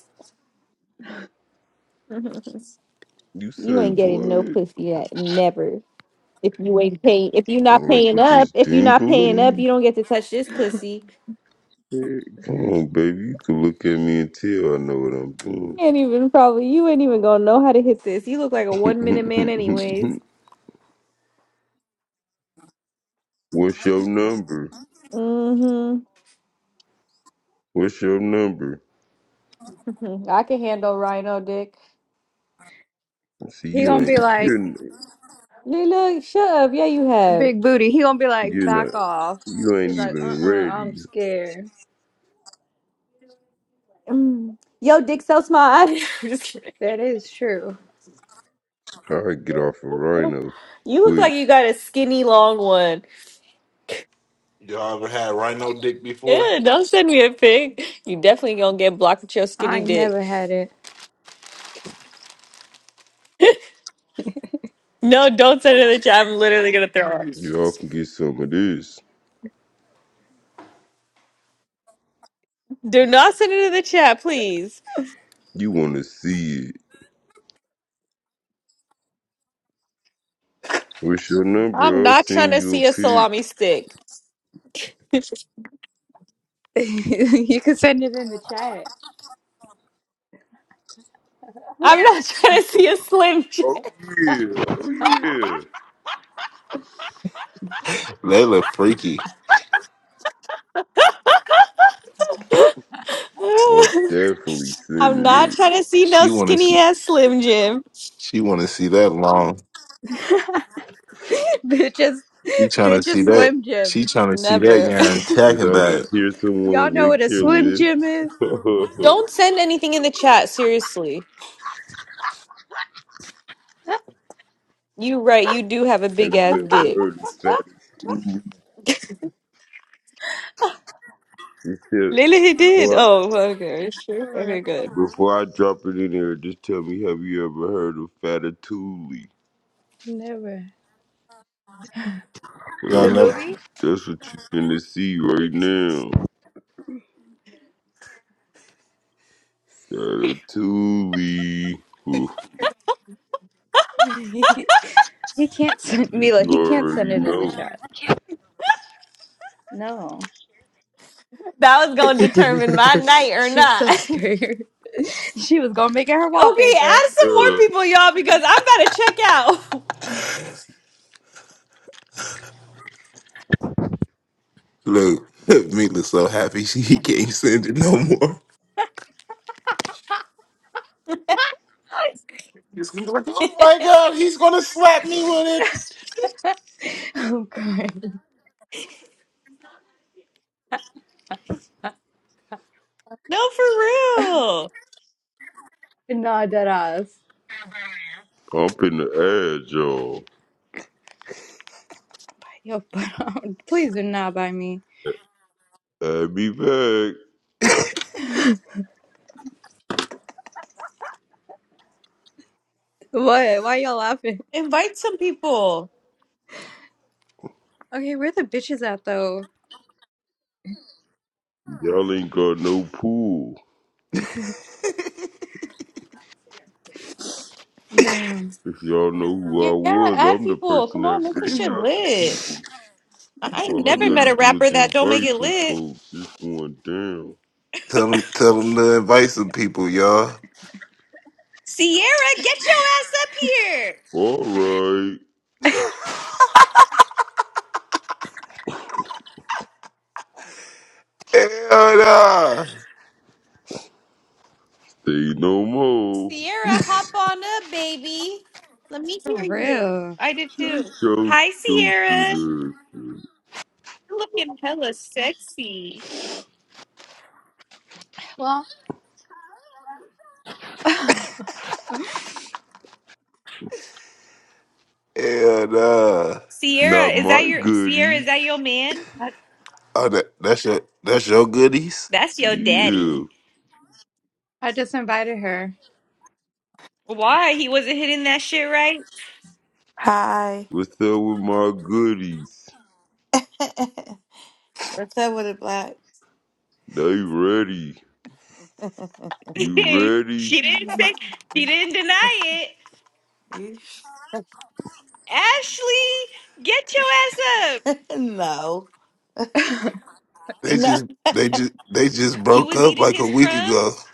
[SPEAKER 5] You
[SPEAKER 2] you
[SPEAKER 5] say
[SPEAKER 2] ain't getting no
[SPEAKER 5] what?
[SPEAKER 2] pussy at never. If you ain't paying, if you not
[SPEAKER 5] Like
[SPEAKER 2] paying
[SPEAKER 5] with
[SPEAKER 2] up,
[SPEAKER 5] this
[SPEAKER 2] if you not paying up,
[SPEAKER 5] dingling?
[SPEAKER 2] you don't get to touch this pussy.
[SPEAKER 5] Hey, Come on, baby. You can look at me and tell I know
[SPEAKER 2] You
[SPEAKER 5] what
[SPEAKER 2] ain't even probably. You ain't even gonna know how to hit this. You look like a
[SPEAKER 5] I'm
[SPEAKER 2] one minute man, anyways.
[SPEAKER 5] doing. What's your number?
[SPEAKER 2] Mm-hmm.
[SPEAKER 5] What's your number?
[SPEAKER 2] I can handle Rhino dick.
[SPEAKER 5] See,
[SPEAKER 3] He
[SPEAKER 5] you
[SPEAKER 3] gonna be
[SPEAKER 5] ain't.
[SPEAKER 3] like,
[SPEAKER 5] You're,
[SPEAKER 2] Look, look, shut up. Yeah, you have.
[SPEAKER 3] Big booty. He gonna be like,
[SPEAKER 5] you're not.
[SPEAKER 3] back off.
[SPEAKER 5] You ain't
[SPEAKER 3] He's like, uh uh
[SPEAKER 5] even
[SPEAKER 3] i am
[SPEAKER 5] ready.
[SPEAKER 3] scared.
[SPEAKER 2] Mm. Yo, dick so small. I- am Just kidding.
[SPEAKER 3] That is true.
[SPEAKER 5] I get off a rhino
[SPEAKER 2] You look like
[SPEAKER 5] quick.
[SPEAKER 2] you got a skinny long one.
[SPEAKER 1] Y'all ever had rhino dick before?
[SPEAKER 2] Yeah, don't send me a pic. You definitely gonna get blocked with your
[SPEAKER 3] I
[SPEAKER 2] skinny
[SPEAKER 3] ain't
[SPEAKER 2] dick.
[SPEAKER 3] never had it.
[SPEAKER 2] No, don't send it in the chat. I'm literally gonna throw it.
[SPEAKER 5] Y'all can get some of this.
[SPEAKER 2] Do not send it in the chat, please.
[SPEAKER 5] You want to see it. What's your
[SPEAKER 2] I'm
[SPEAKER 5] number? I'll
[SPEAKER 2] not trying
[SPEAKER 5] send
[SPEAKER 2] to
[SPEAKER 5] you a
[SPEAKER 2] see a salami
[SPEAKER 5] pic.
[SPEAKER 2] stick.
[SPEAKER 3] you can send it in the chat.
[SPEAKER 2] I'm not trying to
[SPEAKER 5] Oh,
[SPEAKER 2] see a slim jim.
[SPEAKER 5] oh, yeah. Oh, yeah.
[SPEAKER 1] Layla freaky.
[SPEAKER 5] I'm definitely
[SPEAKER 2] I'm
[SPEAKER 5] sending
[SPEAKER 2] not
[SPEAKER 5] it.
[SPEAKER 2] trying to see no
[SPEAKER 1] She wanted.
[SPEAKER 2] skinny ass slim jim.
[SPEAKER 1] She want to see that long.
[SPEAKER 3] bitches,
[SPEAKER 1] She trying to
[SPEAKER 3] bitches,
[SPEAKER 1] see that.
[SPEAKER 3] Slim Jim.
[SPEAKER 1] She trying to see that
[SPEAKER 2] Never.
[SPEAKER 1] yarn talking
[SPEAKER 5] Did I
[SPEAKER 1] about
[SPEAKER 5] just
[SPEAKER 1] it.
[SPEAKER 5] hear
[SPEAKER 3] Y'all
[SPEAKER 5] someone
[SPEAKER 3] know what
[SPEAKER 5] lick
[SPEAKER 3] a
[SPEAKER 5] their
[SPEAKER 3] Slim Jim
[SPEAKER 5] lips?
[SPEAKER 3] is?
[SPEAKER 2] Don't send anything in the chat. Seriously, you right. You do have a big
[SPEAKER 5] Have
[SPEAKER 2] ass
[SPEAKER 5] you ever
[SPEAKER 2] dick.
[SPEAKER 5] heard of fat attunement? Just
[SPEAKER 2] Lily, he did.
[SPEAKER 5] Before I,
[SPEAKER 2] Oh, okay, sure.
[SPEAKER 3] Or
[SPEAKER 2] Okay, good.
[SPEAKER 5] before I drop it in there, just tell me, have you ever heard of Fatatuli?
[SPEAKER 3] never.
[SPEAKER 5] Well,
[SPEAKER 1] y'all
[SPEAKER 3] The
[SPEAKER 5] That's
[SPEAKER 1] never
[SPEAKER 5] what, you,
[SPEAKER 3] movie?
[SPEAKER 5] that's what you're finna see right now. Fatatuli. Ooh,
[SPEAKER 3] he he can't send
[SPEAKER 5] You
[SPEAKER 3] Mila.
[SPEAKER 5] you
[SPEAKER 3] He can't send
[SPEAKER 5] already
[SPEAKER 3] it in the
[SPEAKER 5] know.
[SPEAKER 3] chat. No,
[SPEAKER 2] That was gonna determine my night or
[SPEAKER 3] she's
[SPEAKER 2] not.
[SPEAKER 3] so
[SPEAKER 2] okay, add
[SPEAKER 3] scared. she was gonna make it her
[SPEAKER 2] some
[SPEAKER 3] wallpaper.
[SPEAKER 2] more
[SPEAKER 5] Yeah,
[SPEAKER 2] people, y'all, because I'm about to check out.
[SPEAKER 1] look. Meat looks so happy she he can't send it no more. He's gonna be like, oh my god, he's gonna slap me with it.
[SPEAKER 3] oh god.
[SPEAKER 2] No, for real.
[SPEAKER 3] Nah, dead ass.
[SPEAKER 5] I'm finna add y'all.
[SPEAKER 3] Yo, but um, please do not buy me.
[SPEAKER 5] Add me back.
[SPEAKER 3] What? Why y'all laughing?
[SPEAKER 2] Invite some people.
[SPEAKER 3] Okay, where the bitches at though?
[SPEAKER 5] Y'all ain't got no pool.
[SPEAKER 3] Damn.
[SPEAKER 5] If y'all know who
[SPEAKER 2] Yeah,
[SPEAKER 5] I was,
[SPEAKER 2] add
[SPEAKER 5] I'm the
[SPEAKER 2] people.
[SPEAKER 5] person
[SPEAKER 2] Come on,
[SPEAKER 5] that
[SPEAKER 2] make this
[SPEAKER 5] bring
[SPEAKER 2] shit
[SPEAKER 3] For
[SPEAKER 5] out the
[SPEAKER 2] lit.
[SPEAKER 5] people.
[SPEAKER 2] I I ain't
[SPEAKER 5] All I
[SPEAKER 2] never met
[SPEAKER 5] gotta
[SPEAKER 2] a
[SPEAKER 5] do
[SPEAKER 2] rapper
[SPEAKER 5] is
[SPEAKER 2] that don't make
[SPEAKER 5] invite
[SPEAKER 2] it
[SPEAKER 5] some
[SPEAKER 2] lit.
[SPEAKER 5] folks. It's going down.
[SPEAKER 1] Tell him, tell him to invite some people, y'all.
[SPEAKER 2] Sierra, get your ass up here.
[SPEAKER 5] Alright.
[SPEAKER 1] Hell nah,
[SPEAKER 5] Say no more.
[SPEAKER 2] Sierra, hop on up, baby. Let me hear you.
[SPEAKER 3] real.
[SPEAKER 2] I did too.
[SPEAKER 5] Shut your
[SPEAKER 2] Hi, Sierra.
[SPEAKER 5] stupid ass.
[SPEAKER 2] You're looking hella sexy.
[SPEAKER 3] Well, I,
[SPEAKER 1] hell nah.
[SPEAKER 2] Sierra,
[SPEAKER 5] Not
[SPEAKER 2] is that
[SPEAKER 5] my
[SPEAKER 2] your Sierra? Is
[SPEAKER 5] goodies.
[SPEAKER 2] that your man?
[SPEAKER 1] Oh, that, that's your that's your goodies.
[SPEAKER 2] That's your
[SPEAKER 5] Yeah.
[SPEAKER 2] daddy.
[SPEAKER 3] I just invited her.
[SPEAKER 2] Why he wasn't hitting that shit right?
[SPEAKER 6] Hi.
[SPEAKER 5] What's up with my goodies?
[SPEAKER 6] What's up with it, Black?
[SPEAKER 5] They ready. You
[SPEAKER 2] she
[SPEAKER 5] ready?
[SPEAKER 2] didn't say she didn't deny it.
[SPEAKER 6] Yeesh.
[SPEAKER 2] Ashley, get your ass up.
[SPEAKER 6] no.
[SPEAKER 1] They
[SPEAKER 6] No.
[SPEAKER 1] just they just they just
[SPEAKER 2] You
[SPEAKER 1] broke
[SPEAKER 2] was
[SPEAKER 1] up
[SPEAKER 2] eating
[SPEAKER 1] like a
[SPEAKER 2] his
[SPEAKER 1] week ago.
[SPEAKER 2] crumbs.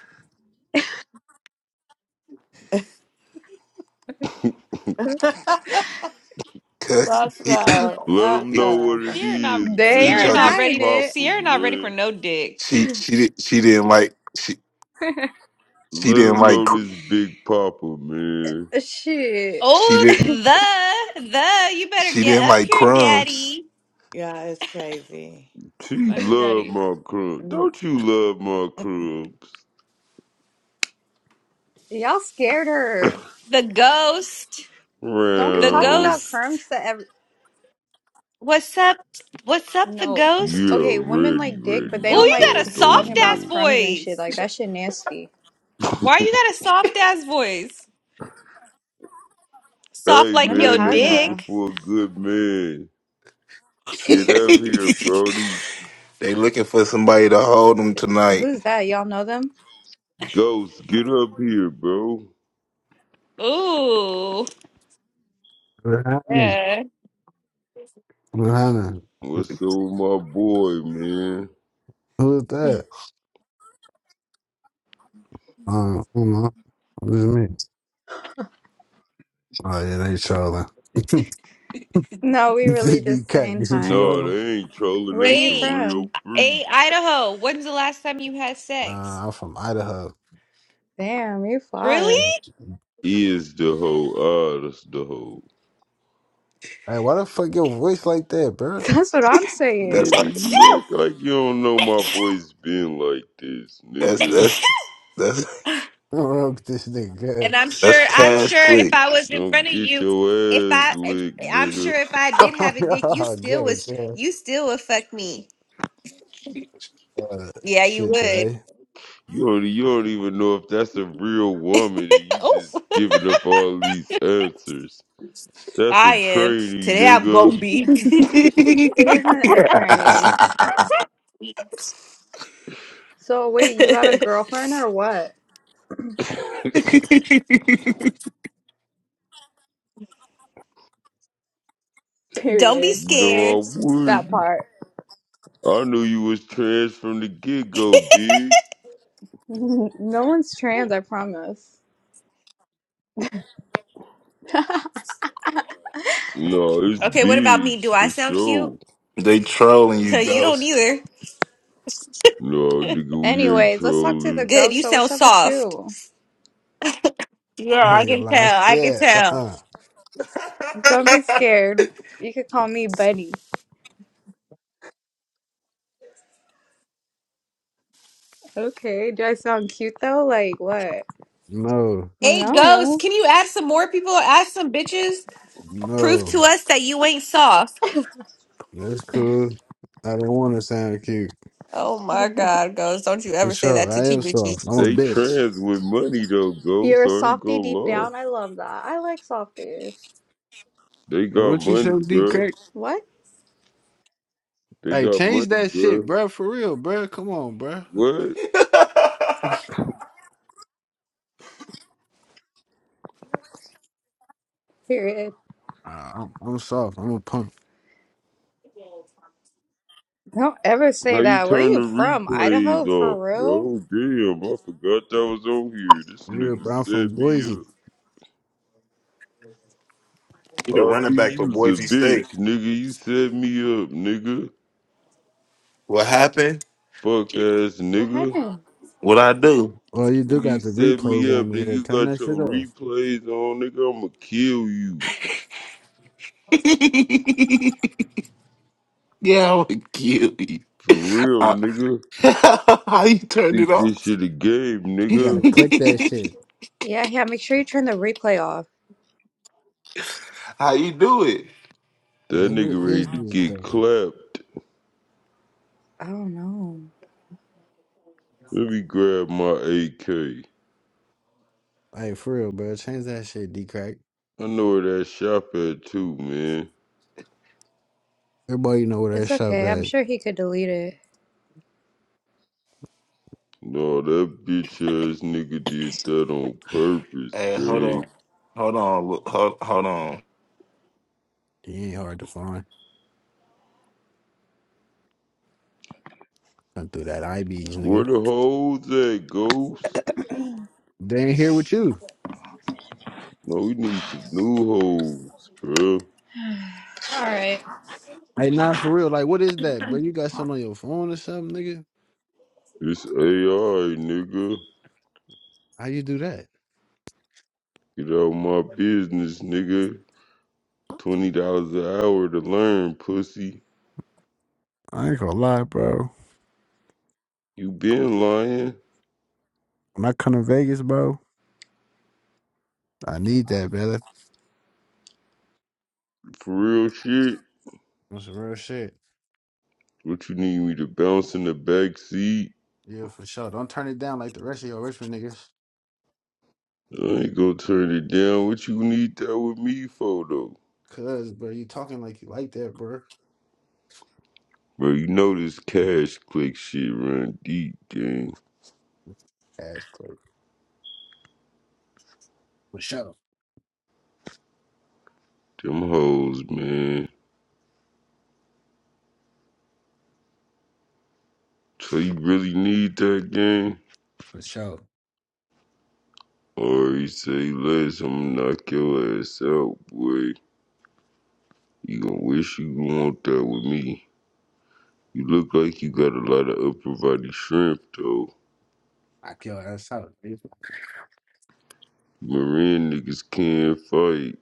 [SPEAKER 1] Cause
[SPEAKER 6] That's
[SPEAKER 1] he
[SPEAKER 6] no.
[SPEAKER 5] Let
[SPEAKER 6] Uh
[SPEAKER 5] them
[SPEAKER 1] he,
[SPEAKER 5] know what
[SPEAKER 6] uh
[SPEAKER 5] it
[SPEAKER 2] Sierra not
[SPEAKER 5] is,
[SPEAKER 1] he
[SPEAKER 3] they
[SPEAKER 2] Sierra
[SPEAKER 5] man.
[SPEAKER 1] tried to
[SPEAKER 2] not
[SPEAKER 5] Big
[SPEAKER 3] denying
[SPEAKER 2] ready.
[SPEAKER 3] it.
[SPEAKER 5] Papa,
[SPEAKER 2] Sierra not ready for
[SPEAKER 5] man.
[SPEAKER 2] no dick.
[SPEAKER 1] She she did she didn't like she she
[SPEAKER 5] Let
[SPEAKER 1] didn't
[SPEAKER 5] them
[SPEAKER 1] like
[SPEAKER 5] know
[SPEAKER 1] cr-
[SPEAKER 5] this Big Papa, man.
[SPEAKER 3] Shit.
[SPEAKER 1] she
[SPEAKER 2] Oh
[SPEAKER 1] did
[SPEAKER 2] the the you better
[SPEAKER 1] she didn't
[SPEAKER 2] get up
[SPEAKER 1] like
[SPEAKER 2] here,
[SPEAKER 1] crumbs.
[SPEAKER 2] daddy.
[SPEAKER 6] Yeah, it's crazy.
[SPEAKER 5] She
[SPEAKER 2] Money
[SPEAKER 5] love
[SPEAKER 2] daddy.
[SPEAKER 5] my crumbs. Don't you love my crumbs?
[SPEAKER 3] Y'all scared her.
[SPEAKER 2] The ghost.
[SPEAKER 3] Don't be
[SPEAKER 2] The
[SPEAKER 3] talking
[SPEAKER 5] Round.
[SPEAKER 3] about
[SPEAKER 2] ghost.
[SPEAKER 3] crumbs to every.
[SPEAKER 2] What's up? What's up, the
[SPEAKER 3] No.
[SPEAKER 2] ghost?
[SPEAKER 5] You're
[SPEAKER 3] Okay, women
[SPEAKER 5] ready,
[SPEAKER 3] like dick,
[SPEAKER 5] ready.
[SPEAKER 3] but they
[SPEAKER 2] Oh,
[SPEAKER 3] don't
[SPEAKER 2] you
[SPEAKER 5] What
[SPEAKER 3] like
[SPEAKER 2] got
[SPEAKER 5] y'all
[SPEAKER 2] a
[SPEAKER 3] t- talking
[SPEAKER 2] soft
[SPEAKER 5] don't
[SPEAKER 3] about
[SPEAKER 2] ass
[SPEAKER 5] know.
[SPEAKER 3] crumbs and shit.
[SPEAKER 2] voice.
[SPEAKER 3] Like, that shit nasty.
[SPEAKER 2] Why you got a soft ass voice? Soft
[SPEAKER 5] Hey,
[SPEAKER 2] like your
[SPEAKER 5] man, they looking
[SPEAKER 3] Menojada.
[SPEAKER 2] dick.
[SPEAKER 5] for a good man. Get
[SPEAKER 1] they
[SPEAKER 5] up here, Brody.
[SPEAKER 1] looking for somebody to hold them tonight.
[SPEAKER 3] Who's that? Y'all know them?
[SPEAKER 5] Ghost, get up here, bro.
[SPEAKER 2] Ooh.
[SPEAKER 7] Rihanna.
[SPEAKER 2] Yeah.
[SPEAKER 7] Rihanna.
[SPEAKER 5] What's up with my boy, man?
[SPEAKER 7] Who is that? Um, I don't know. What is me? Oh, yeah, they trolling.
[SPEAKER 3] No, we
[SPEAKER 7] you
[SPEAKER 3] really
[SPEAKER 7] think these
[SPEAKER 3] just
[SPEAKER 7] cat,
[SPEAKER 3] saying
[SPEAKER 7] this what you
[SPEAKER 3] hi.
[SPEAKER 5] No,
[SPEAKER 7] on?
[SPEAKER 5] they ain't trolling.
[SPEAKER 3] Where are
[SPEAKER 5] They
[SPEAKER 3] you
[SPEAKER 5] some
[SPEAKER 2] Hey,
[SPEAKER 5] real
[SPEAKER 3] from?
[SPEAKER 5] freaks.
[SPEAKER 2] hey, Idaho, when's the last time you had sex?
[SPEAKER 7] Nah, I'm from Idaho.
[SPEAKER 3] Damn, you're far.
[SPEAKER 2] Really?
[SPEAKER 5] is the hoe, artist the hoe.
[SPEAKER 7] Hey, why the fuck your voice like that, bro?
[SPEAKER 3] That's what I'm
[SPEAKER 1] That's
[SPEAKER 3] saying.
[SPEAKER 5] Nigga,
[SPEAKER 1] right.
[SPEAKER 5] you act like you don't know my voice been like this,
[SPEAKER 1] That's
[SPEAKER 5] nigga.
[SPEAKER 1] that's that's
[SPEAKER 7] I don't know what this nigga.
[SPEAKER 2] and I'm
[SPEAKER 1] that's
[SPEAKER 2] sure, I'm
[SPEAKER 1] cash
[SPEAKER 2] sure if I
[SPEAKER 1] quick.
[SPEAKER 2] was in
[SPEAKER 5] Don't
[SPEAKER 2] front of
[SPEAKER 5] get
[SPEAKER 2] you,
[SPEAKER 5] your
[SPEAKER 2] if
[SPEAKER 5] ass
[SPEAKER 2] I, if,
[SPEAKER 5] licked,
[SPEAKER 2] I'm
[SPEAKER 5] nigga.
[SPEAKER 2] sure if I did
[SPEAKER 7] oh,
[SPEAKER 2] have a dick, you
[SPEAKER 7] yeah,
[SPEAKER 2] still
[SPEAKER 7] gay,
[SPEAKER 2] was,
[SPEAKER 7] girl.
[SPEAKER 2] you still would fuck me.
[SPEAKER 7] Uh,
[SPEAKER 2] Yeah, you
[SPEAKER 7] shit
[SPEAKER 2] would.
[SPEAKER 7] today.
[SPEAKER 5] You don't, you don't even know if that's a real woman and you
[SPEAKER 2] oh,
[SPEAKER 5] just giving up all these answers. That's a
[SPEAKER 2] I am.
[SPEAKER 5] trainee,
[SPEAKER 2] Today I'm gonna
[SPEAKER 5] nigga.
[SPEAKER 2] be.
[SPEAKER 3] It isn't
[SPEAKER 1] they
[SPEAKER 3] a tranny. So wait, you got a girlfriend or what?
[SPEAKER 2] Don't be
[SPEAKER 3] Period.
[SPEAKER 5] No,
[SPEAKER 2] scared.
[SPEAKER 5] I
[SPEAKER 3] That
[SPEAKER 5] wouldn't.
[SPEAKER 3] part.
[SPEAKER 5] I knew you was trans from the get-go, big.
[SPEAKER 3] no one's trans, I promise.
[SPEAKER 5] No, it's
[SPEAKER 2] Okay, what about me? Do
[SPEAKER 5] bigs
[SPEAKER 2] I
[SPEAKER 5] for
[SPEAKER 2] sound cute?
[SPEAKER 5] sure.
[SPEAKER 1] trolling you,
[SPEAKER 2] you don't
[SPEAKER 1] ghost.
[SPEAKER 2] either.
[SPEAKER 5] No, nigga, we ain't
[SPEAKER 3] Anyways, let's talk to the
[SPEAKER 5] trolling.
[SPEAKER 2] Good,
[SPEAKER 3] ghost.
[SPEAKER 2] you
[SPEAKER 3] So
[SPEAKER 2] sound
[SPEAKER 3] what's up with
[SPEAKER 2] soft.
[SPEAKER 3] you?
[SPEAKER 2] Yeah,
[SPEAKER 7] I
[SPEAKER 2] I
[SPEAKER 7] ain't gonna
[SPEAKER 2] can
[SPEAKER 7] lie, I'm
[SPEAKER 2] tell. I can
[SPEAKER 7] scared.
[SPEAKER 2] tell.
[SPEAKER 7] Uh-uh.
[SPEAKER 3] Don't be scared. You could call me Buddy. Okay. Do I sound cute though? Like what?
[SPEAKER 7] No,
[SPEAKER 2] Hey, ghost,
[SPEAKER 3] No.
[SPEAKER 2] Can you add some more people? Add some bitches. Proof to
[SPEAKER 7] no.
[SPEAKER 2] us that you ain't soft.
[SPEAKER 7] That's cool. I don't want to sound cute.
[SPEAKER 2] Oh my God, ghost! Don't you
[SPEAKER 7] For
[SPEAKER 2] ever say that
[SPEAKER 7] sure.
[SPEAKER 2] to
[SPEAKER 7] I
[SPEAKER 2] two
[SPEAKER 7] am soft. I'm
[SPEAKER 2] bitches.
[SPEAKER 7] a
[SPEAKER 5] They
[SPEAKER 7] bitch.
[SPEAKER 5] trans with money though, go.
[SPEAKER 3] You're a
[SPEAKER 5] So ain't
[SPEAKER 3] softie
[SPEAKER 5] go
[SPEAKER 3] deep
[SPEAKER 5] law.
[SPEAKER 3] down. I love that. I like softies.
[SPEAKER 5] They
[SPEAKER 7] Hey,
[SPEAKER 5] got
[SPEAKER 7] what you
[SPEAKER 5] money,
[SPEAKER 7] show D
[SPEAKER 5] bro.
[SPEAKER 7] crack?
[SPEAKER 3] What?
[SPEAKER 5] They
[SPEAKER 7] Hey,
[SPEAKER 5] got
[SPEAKER 7] change
[SPEAKER 5] money,
[SPEAKER 7] that shit,
[SPEAKER 5] bro.
[SPEAKER 7] bro. For real, bro. Come on, bro.
[SPEAKER 5] What?
[SPEAKER 1] you
[SPEAKER 3] Period.
[SPEAKER 7] Nah, I'm, I'm soft. I'm a punk.
[SPEAKER 3] Don't ever
[SPEAKER 5] How
[SPEAKER 3] say
[SPEAKER 5] you
[SPEAKER 3] that. Where are
[SPEAKER 5] turn the
[SPEAKER 3] you from?
[SPEAKER 5] replays
[SPEAKER 3] Idaho, for
[SPEAKER 5] off,
[SPEAKER 3] real?
[SPEAKER 5] bro? Damn, I forgot that was on here. This
[SPEAKER 7] Yeah,
[SPEAKER 5] nigga
[SPEAKER 7] bro. I'm from
[SPEAKER 5] set me
[SPEAKER 7] Boise.
[SPEAKER 5] up.
[SPEAKER 1] the running
[SPEAKER 5] Harvey,
[SPEAKER 1] back for
[SPEAKER 5] you's a
[SPEAKER 1] Boise
[SPEAKER 5] bitch,
[SPEAKER 1] State.
[SPEAKER 5] nigga. You set me up, nigga.
[SPEAKER 1] What happened?
[SPEAKER 5] Fuck ass,
[SPEAKER 3] What
[SPEAKER 5] nigga.
[SPEAKER 3] happened?
[SPEAKER 1] What I do?
[SPEAKER 7] Well, you do
[SPEAKER 5] Nigga, you
[SPEAKER 7] got the
[SPEAKER 5] set
[SPEAKER 7] replays
[SPEAKER 5] me
[SPEAKER 7] on
[SPEAKER 5] up,
[SPEAKER 7] me
[SPEAKER 5] nigga.
[SPEAKER 7] here.
[SPEAKER 5] You
[SPEAKER 7] Turn
[SPEAKER 5] got
[SPEAKER 7] that shit
[SPEAKER 5] your
[SPEAKER 7] off.
[SPEAKER 5] replays on, nigga. I'ma kill you.
[SPEAKER 1] yeah, I would kill you.
[SPEAKER 5] For real, nigga.
[SPEAKER 1] How you turn it
[SPEAKER 5] Think
[SPEAKER 1] off?
[SPEAKER 5] this shit a game,
[SPEAKER 7] You gotta
[SPEAKER 5] nigga.
[SPEAKER 7] click that shit.
[SPEAKER 3] Yeah, yeah, make sure you turn the replay off.
[SPEAKER 1] How you do it?
[SPEAKER 7] Hey,
[SPEAKER 5] That
[SPEAKER 7] who is
[SPEAKER 5] nigga ready
[SPEAKER 7] this
[SPEAKER 5] to
[SPEAKER 7] dude
[SPEAKER 5] get
[SPEAKER 7] though?
[SPEAKER 5] clapped.
[SPEAKER 3] I don't know.
[SPEAKER 5] Let me grab my AK.
[SPEAKER 7] Hey, for real, bro. Change that shit, D crack.
[SPEAKER 5] I know where that shop at too, man.
[SPEAKER 7] Everybody know where that
[SPEAKER 3] It's
[SPEAKER 7] shop
[SPEAKER 3] okay. I'm
[SPEAKER 7] at.
[SPEAKER 3] sure he could delete it.
[SPEAKER 5] No, that bitch ass nigga did that on purpose,
[SPEAKER 1] Hey, hold on.
[SPEAKER 5] gang.
[SPEAKER 1] Hold on. look, Hold, hold on.
[SPEAKER 7] He ain't hard to find. Come through that IBs,
[SPEAKER 5] Where
[SPEAKER 7] nigga.
[SPEAKER 5] the hoes at, Ghost?
[SPEAKER 7] They ain't here with you.
[SPEAKER 5] No, we need some new hoes, bro.
[SPEAKER 3] All right.
[SPEAKER 7] Hey, nah, for real. Like, what is that, bro? You got something on your phone or something, nigga?
[SPEAKER 5] This AI, nigga.
[SPEAKER 7] How you do that?
[SPEAKER 5] Get out my business, nigga. $20 an hour to learn, pussy.
[SPEAKER 7] I ain't gonna lie, bro.
[SPEAKER 5] You been lying.
[SPEAKER 7] When I come to Vegas, bro, I need that, brother.
[SPEAKER 5] For real shit.
[SPEAKER 7] That's some real shit.
[SPEAKER 5] What you need me to bounce in the back seat?
[SPEAKER 7] Yeah, for sure. Don't turn it down like the rest of your Richmond niggas.
[SPEAKER 5] I ain't gonna turn it down. What you need that with me for though?
[SPEAKER 7] Cause, bro, you talking like you like that, bro.
[SPEAKER 5] Bro, you know this cash click shit run deep, gang.
[SPEAKER 7] That's cool. For sure.
[SPEAKER 5] Them hoes, man. So you really need that gang?
[SPEAKER 7] For sure.
[SPEAKER 5] Or you say less, I'm gonna knock your ass out, boy. You gonna wish you want that with me. You look like you got a lot of upper body shrimp though.
[SPEAKER 7] I kill ass out. nigga.
[SPEAKER 5] Marine niggas can fight,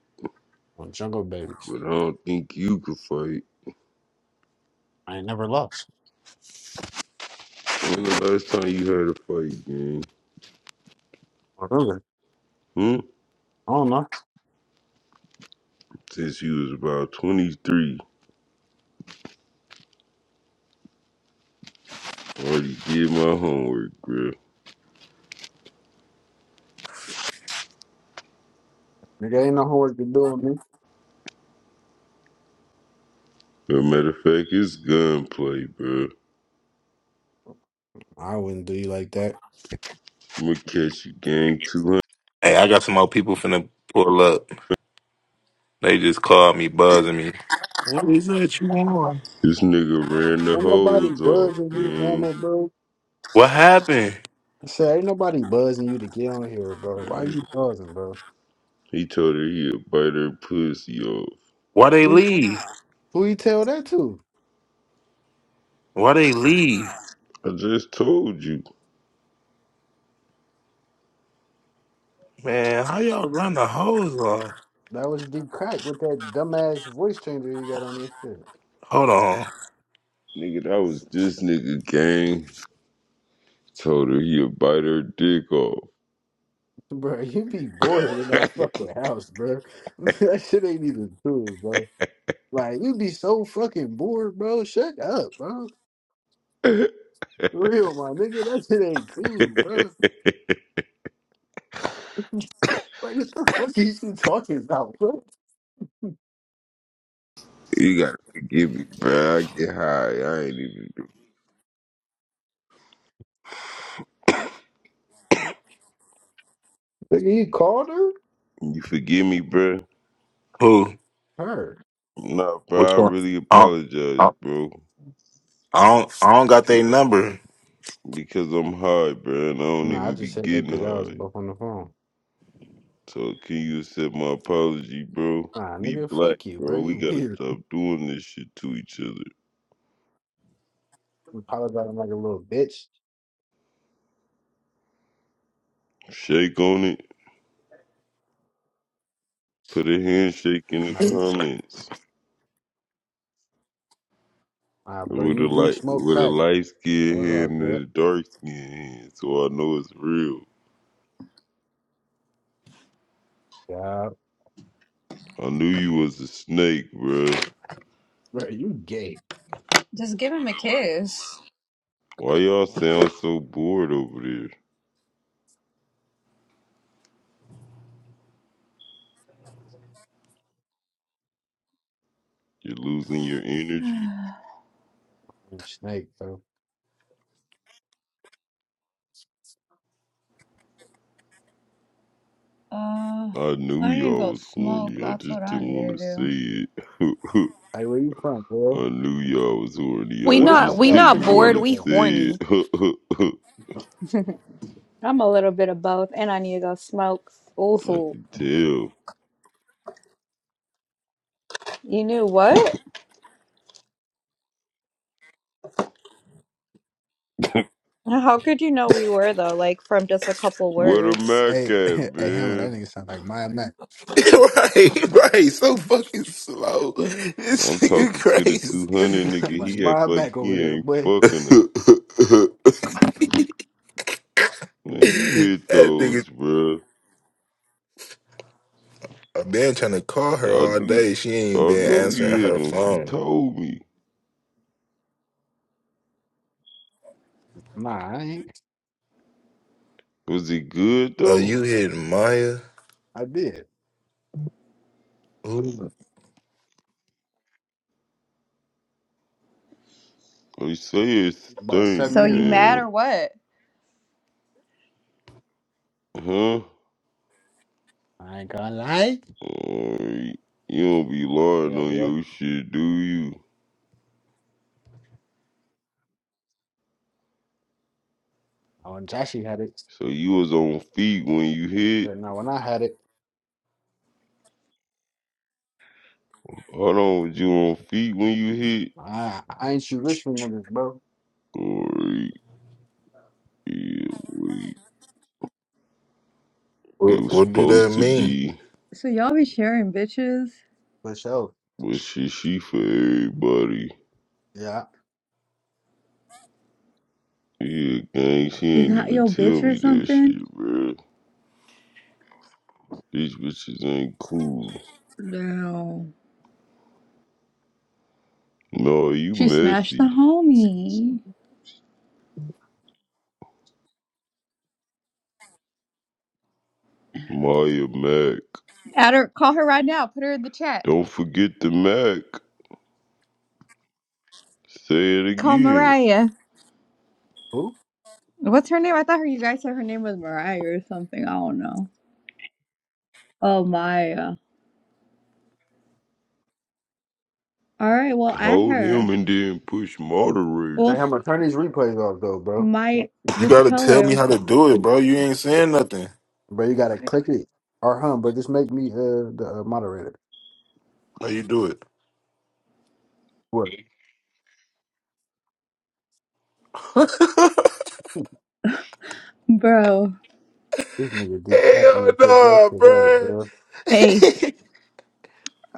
[SPEAKER 7] On Jungle Babies.
[SPEAKER 5] but I don't think you can fight.
[SPEAKER 7] I ain't never lost.
[SPEAKER 5] When the last time you had a fight, gang?
[SPEAKER 7] Remember?
[SPEAKER 5] Hmm?
[SPEAKER 7] I don't know.
[SPEAKER 5] Since you was about 23. Already did my homework, bro.
[SPEAKER 7] Nigga ain't no homework to do on me.
[SPEAKER 5] As a matter of fact, it's gunplay, bro.
[SPEAKER 7] I wouldn't do you like that.
[SPEAKER 5] I'ma catch you, gang, 200.
[SPEAKER 1] Hey, I got some more people finna pull up. They just called me, buzzing me. What is that you on?
[SPEAKER 5] This nigga ran the
[SPEAKER 7] Ain't nobody
[SPEAKER 5] hose off,
[SPEAKER 7] buzzing you,
[SPEAKER 5] gang.
[SPEAKER 7] Hammer, bro.
[SPEAKER 1] What happened?
[SPEAKER 7] I said, ain't nobody buzzing you to get on here, bro. Why
[SPEAKER 5] He,
[SPEAKER 7] you buzzing, bro?
[SPEAKER 5] he told her he'd bite her pussy off.
[SPEAKER 1] Why they
[SPEAKER 7] Who
[SPEAKER 1] leave?
[SPEAKER 7] who you tell that to?
[SPEAKER 1] Why they leave?
[SPEAKER 5] I just told you.
[SPEAKER 1] Man, how y'all run the hose off?
[SPEAKER 7] That was deep crack with that dumbass voice changer you got on this shit.
[SPEAKER 1] Hold on.
[SPEAKER 5] Nigga, that was this nigga, gang. Told her he'd bite her dick off.
[SPEAKER 7] Bro, you be bored in that fucking house, bro. that shit ain't even cool, bro. Like, you be so fucking bored, bro. Shut up, bro. Real, my nigga. That shit ain't cool, bro. Like, what the fuck is you talking about, bro?
[SPEAKER 5] you gotta forgive me, bro. I get high. I ain't even
[SPEAKER 7] Nigga, you called her?
[SPEAKER 5] You forgive me, bro?
[SPEAKER 1] Who?
[SPEAKER 7] Her.
[SPEAKER 5] Nah,
[SPEAKER 1] Which
[SPEAKER 5] bro. I
[SPEAKER 1] one?
[SPEAKER 5] really
[SPEAKER 1] I don't,
[SPEAKER 5] apologize,
[SPEAKER 1] I
[SPEAKER 5] bro.
[SPEAKER 1] I don't, I don't got
[SPEAKER 5] Because
[SPEAKER 1] their
[SPEAKER 5] I'm,
[SPEAKER 1] number.
[SPEAKER 5] because I'm hard, bro, and I don't
[SPEAKER 7] Nah, I
[SPEAKER 5] even be
[SPEAKER 7] just said that
[SPEAKER 5] getting
[SPEAKER 7] because y'all was
[SPEAKER 5] hard.
[SPEAKER 7] both on the phone.
[SPEAKER 5] So can you accept my apology, bro?
[SPEAKER 7] Nah,
[SPEAKER 5] We
[SPEAKER 7] nigga,
[SPEAKER 5] black,
[SPEAKER 7] fuck you, bro.
[SPEAKER 5] bro. We
[SPEAKER 7] You
[SPEAKER 5] gotta
[SPEAKER 7] weird.
[SPEAKER 5] stop doing this shit to each other.
[SPEAKER 7] You probably got him like a little bitch.
[SPEAKER 5] Shake on it. Put a handshake in the
[SPEAKER 7] Nah, you,
[SPEAKER 5] comments.
[SPEAKER 7] ah, bro,
[SPEAKER 5] With
[SPEAKER 7] you
[SPEAKER 5] a
[SPEAKER 7] do
[SPEAKER 5] light,
[SPEAKER 7] smoke
[SPEAKER 5] with a
[SPEAKER 7] crack.
[SPEAKER 5] light
[SPEAKER 7] That
[SPEAKER 5] skinned
[SPEAKER 7] was all
[SPEAKER 5] hand
[SPEAKER 7] good.
[SPEAKER 5] and a dark skinned hand, so I know it's real.
[SPEAKER 7] Yeah,
[SPEAKER 5] I knew you was a snake, bruh.
[SPEAKER 7] bro, you gay.
[SPEAKER 3] Just give him a kiss.
[SPEAKER 5] Why y'all sound so bored over there? You're losing your energy.
[SPEAKER 7] man, Snake, bro.
[SPEAKER 3] Uh,
[SPEAKER 5] I knew
[SPEAKER 3] I need to
[SPEAKER 5] y'all
[SPEAKER 3] go
[SPEAKER 5] was
[SPEAKER 3] smoke.
[SPEAKER 5] horny. I
[SPEAKER 3] That's what
[SPEAKER 5] just
[SPEAKER 3] I
[SPEAKER 5] didn't
[SPEAKER 3] need
[SPEAKER 5] want
[SPEAKER 3] to
[SPEAKER 5] to
[SPEAKER 3] do.
[SPEAKER 5] say it.
[SPEAKER 7] Hey, where you from, bro?
[SPEAKER 5] I knew y'all was horny.
[SPEAKER 7] Hey,
[SPEAKER 2] We
[SPEAKER 5] I
[SPEAKER 7] where the
[SPEAKER 3] What?
[SPEAKER 2] not.
[SPEAKER 7] fuck
[SPEAKER 5] just
[SPEAKER 2] We
[SPEAKER 7] y'all
[SPEAKER 5] didn't
[SPEAKER 2] not
[SPEAKER 7] pictures
[SPEAKER 5] want
[SPEAKER 2] bored.
[SPEAKER 7] at,
[SPEAKER 2] We
[SPEAKER 5] to
[SPEAKER 7] bro?
[SPEAKER 5] say
[SPEAKER 2] horny.
[SPEAKER 5] it.
[SPEAKER 3] I'm a little bit of both, and I need to go smoke.
[SPEAKER 5] I
[SPEAKER 3] Ooh.
[SPEAKER 5] can tell.
[SPEAKER 3] You knew what? How could you know we were though? Like from just a couple
[SPEAKER 5] Where the
[SPEAKER 3] words.
[SPEAKER 5] Mac
[SPEAKER 7] Hey,
[SPEAKER 5] at,
[SPEAKER 7] hey, Hammer, that
[SPEAKER 5] man?
[SPEAKER 7] nigga sound like Maya Mac.
[SPEAKER 1] right, right. So fucking slow.
[SPEAKER 5] I'm
[SPEAKER 1] This nigga
[SPEAKER 5] talking to the
[SPEAKER 1] crazy.
[SPEAKER 7] That
[SPEAKER 5] 200
[SPEAKER 7] nigga sound
[SPEAKER 5] nigga.
[SPEAKER 7] like
[SPEAKER 5] He act
[SPEAKER 7] Maya
[SPEAKER 5] like
[SPEAKER 7] Mac over
[SPEAKER 5] he
[SPEAKER 7] there,
[SPEAKER 5] ain't
[SPEAKER 7] boy.
[SPEAKER 5] fucking her.
[SPEAKER 1] that
[SPEAKER 5] Man, you hit
[SPEAKER 1] nigga,
[SPEAKER 5] those, bruh.
[SPEAKER 1] I've been trying to call her
[SPEAKER 5] I
[SPEAKER 1] all
[SPEAKER 5] knew,
[SPEAKER 1] day. She ain't
[SPEAKER 5] I
[SPEAKER 1] been
[SPEAKER 5] know you
[SPEAKER 1] answering
[SPEAKER 5] hit
[SPEAKER 1] her
[SPEAKER 5] them. She
[SPEAKER 1] phone.
[SPEAKER 5] told me.
[SPEAKER 7] Nah, I ain't.
[SPEAKER 5] Was it good
[SPEAKER 1] Are
[SPEAKER 5] though?
[SPEAKER 1] you hitting Maya?
[SPEAKER 7] I did.
[SPEAKER 1] Who-
[SPEAKER 5] They say it
[SPEAKER 7] About seven
[SPEAKER 5] stink,
[SPEAKER 3] So
[SPEAKER 7] years
[SPEAKER 3] you
[SPEAKER 7] ago.
[SPEAKER 3] mad
[SPEAKER 5] man.
[SPEAKER 3] or what?
[SPEAKER 5] Huh?
[SPEAKER 7] I ain't gonna lie.
[SPEAKER 5] Uh, you don't be
[SPEAKER 7] Yeah,
[SPEAKER 5] lying on
[SPEAKER 7] yeah.
[SPEAKER 5] your shit, do you?
[SPEAKER 7] Oh, When Joshy had it.
[SPEAKER 5] So you was on feet when you hit.
[SPEAKER 7] So now when I had it,
[SPEAKER 5] Hold on, was you on feet when you hit?
[SPEAKER 7] I, I ain't shoot Richmond niggas, bro.
[SPEAKER 5] Or yeah, we, it
[SPEAKER 1] What,
[SPEAKER 5] was
[SPEAKER 1] what do that
[SPEAKER 5] supposed to
[SPEAKER 1] mean?
[SPEAKER 5] be,
[SPEAKER 3] So y'all be sharing bitches?
[SPEAKER 7] For sure.
[SPEAKER 5] but shit, she for everybody.
[SPEAKER 7] Yeah.
[SPEAKER 5] Yeah, gang, she
[SPEAKER 3] Is
[SPEAKER 5] ain't
[SPEAKER 3] that
[SPEAKER 5] even
[SPEAKER 3] your bitch
[SPEAKER 5] tell
[SPEAKER 3] or
[SPEAKER 5] me that
[SPEAKER 3] something?
[SPEAKER 5] shit, bro. These bitches ain't cool.
[SPEAKER 3] No.
[SPEAKER 5] No, you
[SPEAKER 3] She smashed the
[SPEAKER 5] messy.
[SPEAKER 3] homie.
[SPEAKER 5] Maya Mac.
[SPEAKER 3] Add her, call her right now. Put her in the chat.
[SPEAKER 5] Don't forget the Mac. Say it
[SPEAKER 3] Call
[SPEAKER 5] again.
[SPEAKER 3] Mariah.
[SPEAKER 7] Who?
[SPEAKER 3] What's her name? I thought her you guys said her name was Mariah or something. I don't know. Oh Maya. Alright, well at
[SPEAKER 5] Hold him
[SPEAKER 3] her.
[SPEAKER 5] and then push
[SPEAKER 7] Hey, They
[SPEAKER 5] moderator.
[SPEAKER 3] Well
[SPEAKER 7] have
[SPEAKER 3] s-
[SPEAKER 7] my attorney's replays off, though, bro.
[SPEAKER 3] my
[SPEAKER 1] You
[SPEAKER 3] just
[SPEAKER 1] gotta
[SPEAKER 3] tell
[SPEAKER 1] tell me
[SPEAKER 3] her.
[SPEAKER 1] how to do it, bro. You ain't saying nothing.
[SPEAKER 7] Bro, you gotta click it. Or hum, but just make me uh the uh, moderator.
[SPEAKER 1] How you do it?
[SPEAKER 7] What?
[SPEAKER 3] Bro.
[SPEAKER 7] This nigga D cracking
[SPEAKER 1] Hell
[SPEAKER 7] me to take that
[SPEAKER 1] no,
[SPEAKER 7] shit up,
[SPEAKER 1] bro.
[SPEAKER 7] bro.
[SPEAKER 3] Hey,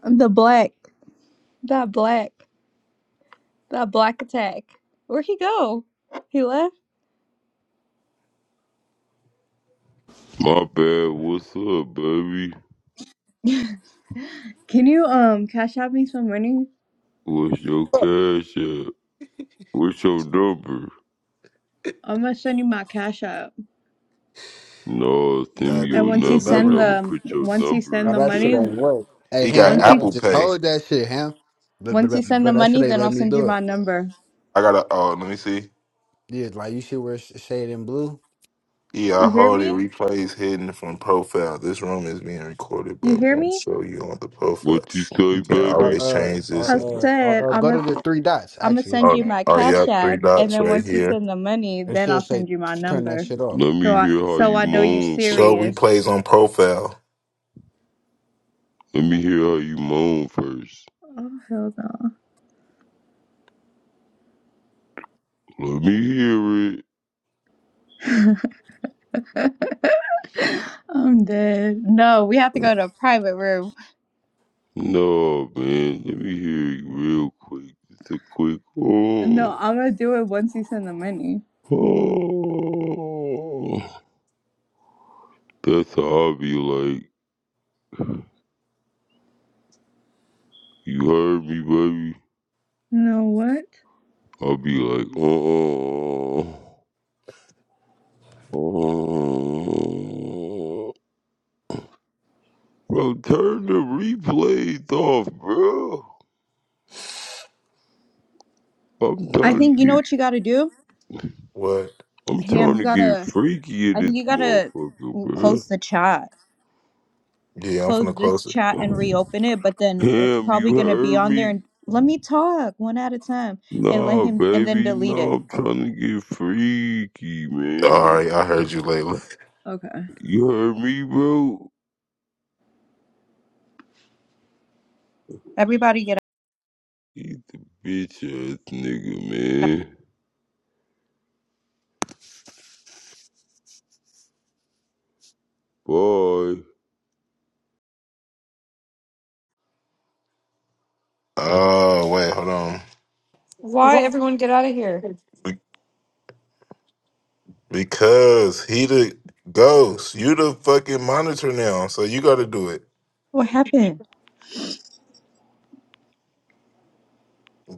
[SPEAKER 3] the black. That black. That black attack. Where'd he go? He left?
[SPEAKER 5] My bad. What's up, baby?
[SPEAKER 3] Can you um cash out me some money?
[SPEAKER 5] What's your
[SPEAKER 7] Oh,
[SPEAKER 5] cash at? What's your number?
[SPEAKER 3] I'm gonna send you my cash app.
[SPEAKER 5] No, send
[SPEAKER 1] nah,
[SPEAKER 5] me
[SPEAKER 3] And
[SPEAKER 1] the,
[SPEAKER 5] your
[SPEAKER 3] once
[SPEAKER 1] the
[SPEAKER 3] you
[SPEAKER 5] number and
[SPEAKER 3] send
[SPEAKER 1] number.
[SPEAKER 5] I'ma
[SPEAKER 3] the
[SPEAKER 5] put your
[SPEAKER 3] once you
[SPEAKER 5] number
[SPEAKER 3] send
[SPEAKER 5] in
[SPEAKER 3] the
[SPEAKER 7] that shit
[SPEAKER 3] money,
[SPEAKER 5] cash
[SPEAKER 7] ain't
[SPEAKER 5] app.
[SPEAKER 7] work. Hey,
[SPEAKER 1] He
[SPEAKER 7] Ham,
[SPEAKER 1] got
[SPEAKER 7] you
[SPEAKER 3] once you
[SPEAKER 7] gotta
[SPEAKER 1] Apple
[SPEAKER 7] just
[SPEAKER 1] Pay.
[SPEAKER 7] hold that shit, Ham. But, but,
[SPEAKER 3] once
[SPEAKER 7] but
[SPEAKER 3] you send the
[SPEAKER 7] but that shit
[SPEAKER 3] money,
[SPEAKER 7] ain't
[SPEAKER 3] then
[SPEAKER 7] let
[SPEAKER 3] I'll
[SPEAKER 7] me
[SPEAKER 3] send you
[SPEAKER 7] do it.
[SPEAKER 3] my number.
[SPEAKER 1] I gotta. Oh, let me see.
[SPEAKER 7] Yeah, like you should wear sh- shade in blue.
[SPEAKER 1] Yeah, I
[SPEAKER 3] You hear
[SPEAKER 1] hold it.
[SPEAKER 3] me?
[SPEAKER 1] Replays hidden from profile. This room is being recorded,
[SPEAKER 3] You
[SPEAKER 1] but
[SPEAKER 3] hear
[SPEAKER 1] won't
[SPEAKER 3] me?
[SPEAKER 1] show you on the profile.
[SPEAKER 5] What you say,
[SPEAKER 1] You can
[SPEAKER 7] Or
[SPEAKER 5] baby?
[SPEAKER 1] always
[SPEAKER 7] uh
[SPEAKER 1] change this.
[SPEAKER 7] or
[SPEAKER 3] I
[SPEAKER 1] And,
[SPEAKER 7] uh
[SPEAKER 3] said
[SPEAKER 7] or uh
[SPEAKER 3] I'm
[SPEAKER 7] go to the
[SPEAKER 3] gonna
[SPEAKER 7] three dots
[SPEAKER 3] I'm gonna
[SPEAKER 7] actually.
[SPEAKER 3] send
[SPEAKER 1] oh,
[SPEAKER 3] you my
[SPEAKER 1] oh,
[SPEAKER 3] cash
[SPEAKER 1] yeah, three
[SPEAKER 3] app, and
[SPEAKER 1] dots
[SPEAKER 3] then
[SPEAKER 1] right
[SPEAKER 3] once you
[SPEAKER 1] here.
[SPEAKER 3] send the money,
[SPEAKER 7] It
[SPEAKER 3] then
[SPEAKER 7] should
[SPEAKER 3] I'll
[SPEAKER 7] say
[SPEAKER 3] send you my
[SPEAKER 7] t- turn that
[SPEAKER 3] number.
[SPEAKER 7] shit off.
[SPEAKER 5] Let
[SPEAKER 3] So
[SPEAKER 5] me
[SPEAKER 3] I
[SPEAKER 5] hear how
[SPEAKER 3] so
[SPEAKER 5] you
[SPEAKER 3] I know you
[SPEAKER 5] moan
[SPEAKER 1] Show
[SPEAKER 5] first.
[SPEAKER 3] serious.
[SPEAKER 1] replays on profile.
[SPEAKER 5] Let me hear how you moan first.
[SPEAKER 3] Oh hell
[SPEAKER 5] Let me hear it.
[SPEAKER 3] no. I'm dead. No, we have to go to a private room.
[SPEAKER 5] No, man. Let me hear it real quick. It's a quick. Oh.
[SPEAKER 3] No, I'm gonna do it once you send the money.
[SPEAKER 5] Oh. That's how I'll be like, you heard me, baby?
[SPEAKER 3] No, what?
[SPEAKER 5] I'll be like, uh, uh, uh. bro, turn the replays off, bro. I'm
[SPEAKER 3] I
[SPEAKER 5] trying to
[SPEAKER 3] think you know
[SPEAKER 5] get,
[SPEAKER 3] what you gotta do?
[SPEAKER 1] What?
[SPEAKER 5] I'm
[SPEAKER 3] Ham,
[SPEAKER 5] trying
[SPEAKER 3] you
[SPEAKER 5] to get
[SPEAKER 3] gotta,
[SPEAKER 5] freaky in
[SPEAKER 3] I
[SPEAKER 5] this
[SPEAKER 3] think you gotta
[SPEAKER 5] motherfucker, bro.
[SPEAKER 3] close the chat.
[SPEAKER 1] Yeah, I'm finna
[SPEAKER 3] Close this
[SPEAKER 1] close it.
[SPEAKER 3] chat and reopen it, but then it's
[SPEAKER 5] Damn,
[SPEAKER 3] probably
[SPEAKER 5] you
[SPEAKER 3] gonna be
[SPEAKER 5] heard
[SPEAKER 3] on there
[SPEAKER 5] me?
[SPEAKER 3] and let me talk one at a time and let
[SPEAKER 5] Nah,
[SPEAKER 3] him, and then
[SPEAKER 5] baby,
[SPEAKER 3] delete
[SPEAKER 5] nah,
[SPEAKER 3] it.
[SPEAKER 5] I'm trying to get freaky,
[SPEAKER 1] All
[SPEAKER 5] man.
[SPEAKER 1] right, I heard you, Layla.
[SPEAKER 3] Okay.
[SPEAKER 5] You heard me, bro?
[SPEAKER 3] Everybody get
[SPEAKER 5] Eat the bitch ass nigga, man. Bye.
[SPEAKER 1] Oh wait, hold on.
[SPEAKER 2] Why everyone get out of here?
[SPEAKER 1] Be- because he the ghost, you the fucking monitor now, so you got to do it.
[SPEAKER 3] What happened?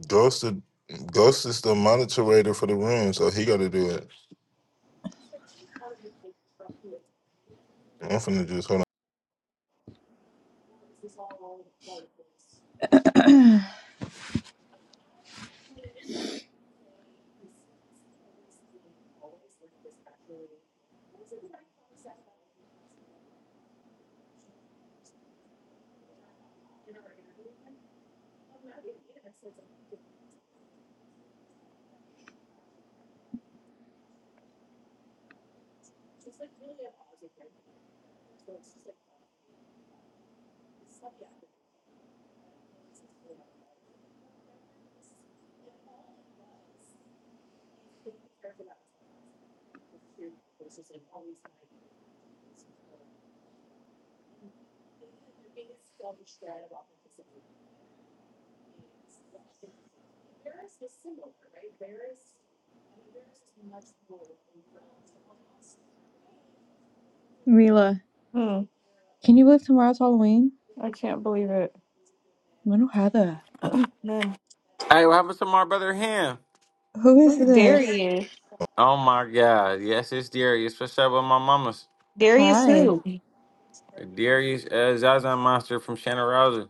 [SPEAKER 1] Ghost, the, ghost is the monitor for the room, so he got to do it. I'm finna just hold on.
[SPEAKER 3] Mila, can you believe tomorrow's Halloween? Manu Hada.
[SPEAKER 8] Hey, what happened to my brother Ham?
[SPEAKER 3] Who is
[SPEAKER 2] Who's
[SPEAKER 3] this?
[SPEAKER 2] Darius?
[SPEAKER 8] Oh my god. Yes, it's Darius. What's up with my mamas?
[SPEAKER 2] Darius
[SPEAKER 3] Hi.
[SPEAKER 2] who?
[SPEAKER 8] Darius uh, Zaza Monster from Shannon Rousey.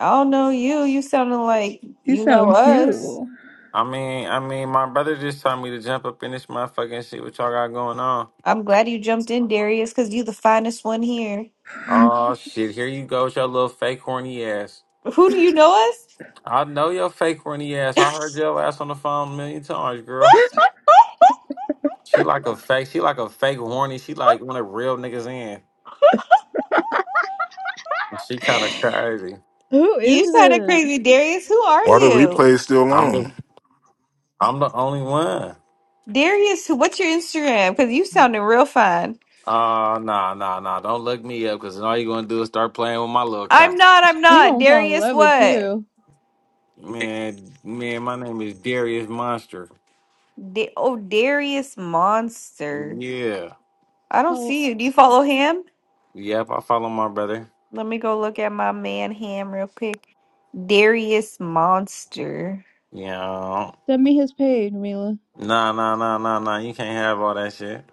[SPEAKER 2] I don't know you. You sounding like
[SPEAKER 3] You
[SPEAKER 2] you know
[SPEAKER 3] sound
[SPEAKER 2] us.
[SPEAKER 3] cute.
[SPEAKER 8] I mean, I mean, my brother just told me to jump up in this motherfucking and see what y'all got going on.
[SPEAKER 2] I'm glad you jumped in, Darius, because you the finest one here.
[SPEAKER 8] Oh shit, here you go with your little fake horny ass.
[SPEAKER 2] Who do you know us?
[SPEAKER 8] I know your fake horny ass. I heard your ass on the phone a million times, girl. She like a fake, she like a fake horny. She like one of real niggas in. She kind of crazy.
[SPEAKER 3] Who is
[SPEAKER 2] You sounded
[SPEAKER 3] this?
[SPEAKER 2] crazy, Darius. Who are
[SPEAKER 1] Why the
[SPEAKER 2] you?
[SPEAKER 1] replay is still
[SPEAKER 8] I'm the,
[SPEAKER 1] on?
[SPEAKER 8] I'm the only one.
[SPEAKER 2] Darius, who- what's your Instagram? Because you sounding real fine.
[SPEAKER 8] Uh nah nah nah don't look me up because all you're gonna do is start playing with my little
[SPEAKER 2] I'm
[SPEAKER 8] cat.
[SPEAKER 2] not, I'm
[SPEAKER 3] He
[SPEAKER 2] not.
[SPEAKER 3] gonna fall in
[SPEAKER 2] Darius,
[SPEAKER 3] love with
[SPEAKER 2] what?
[SPEAKER 3] you.
[SPEAKER 8] Man, man, my name is Darius Monster.
[SPEAKER 2] Da- oh, Darius Monster.
[SPEAKER 8] Yeah.
[SPEAKER 2] I don't
[SPEAKER 3] Hold,
[SPEAKER 2] see you. Do you follow him?
[SPEAKER 8] Yep, I follow my brother.
[SPEAKER 2] Let me go look at my man Ham real quick. Darius Monster.
[SPEAKER 8] Yeah.
[SPEAKER 3] send me his page, Mila.
[SPEAKER 8] Nah nah nah nah nah. You can't have all that shit.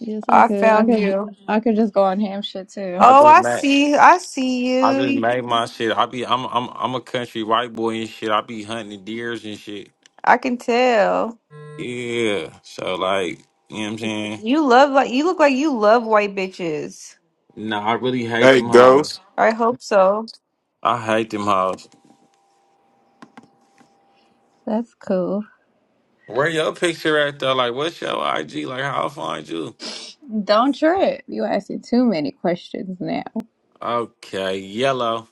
[SPEAKER 3] Yes, I
[SPEAKER 2] I
[SPEAKER 3] could. I
[SPEAKER 2] found
[SPEAKER 3] could.
[SPEAKER 2] you.
[SPEAKER 3] I could just go on ham shit too.
[SPEAKER 8] I
[SPEAKER 2] Oh,
[SPEAKER 8] just
[SPEAKER 2] I
[SPEAKER 8] made
[SPEAKER 2] see. I see
[SPEAKER 8] I just
[SPEAKER 2] you.
[SPEAKER 8] made my shit. I be I'm I'm I'm a country white boy and shit. I be hunting deers and shit.
[SPEAKER 2] I can tell.
[SPEAKER 8] Yeah. So like, you know what I'm saying?
[SPEAKER 2] You love like you look like you love white bitches.
[SPEAKER 8] Nah, I really hate
[SPEAKER 1] Hey,
[SPEAKER 8] them hoes.
[SPEAKER 1] Ghost.
[SPEAKER 2] I hope so.
[SPEAKER 8] I hate them hoes.
[SPEAKER 3] That's cool.
[SPEAKER 8] Where your picture at though? Like, what's your IG? Like, how I find you?
[SPEAKER 3] Don't trip. You asking too many questions now.
[SPEAKER 8] Okay, yellow.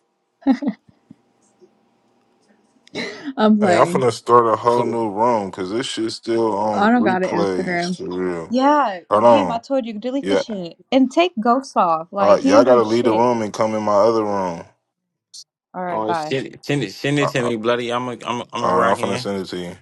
[SPEAKER 3] I'm
[SPEAKER 1] Hey, I'm
[SPEAKER 3] playing.
[SPEAKER 1] finna start a whole new room because this shit's still on
[SPEAKER 3] I don't got an
[SPEAKER 1] replays
[SPEAKER 3] Instagram.
[SPEAKER 1] for real.
[SPEAKER 3] Yeah,
[SPEAKER 1] Hold
[SPEAKER 3] ham.
[SPEAKER 1] on.
[SPEAKER 3] I told you delete the
[SPEAKER 1] Yeah.
[SPEAKER 3] shit and take ghosts off.
[SPEAKER 1] All
[SPEAKER 3] Like
[SPEAKER 1] right.
[SPEAKER 3] he
[SPEAKER 1] Y'all
[SPEAKER 3] ain't doing
[SPEAKER 1] gotta leave the
[SPEAKER 3] shit.
[SPEAKER 1] room and come in my other room.
[SPEAKER 3] All
[SPEAKER 8] Oh,
[SPEAKER 3] right,
[SPEAKER 8] oh,
[SPEAKER 3] bye.
[SPEAKER 8] send it, send it, send it
[SPEAKER 1] Uh,
[SPEAKER 8] to
[SPEAKER 1] uh,
[SPEAKER 8] me, bloody. I'm a, I'm a, I'm a
[SPEAKER 1] All right. I'm
[SPEAKER 8] rock
[SPEAKER 1] finna
[SPEAKER 8] in.
[SPEAKER 1] send it to you.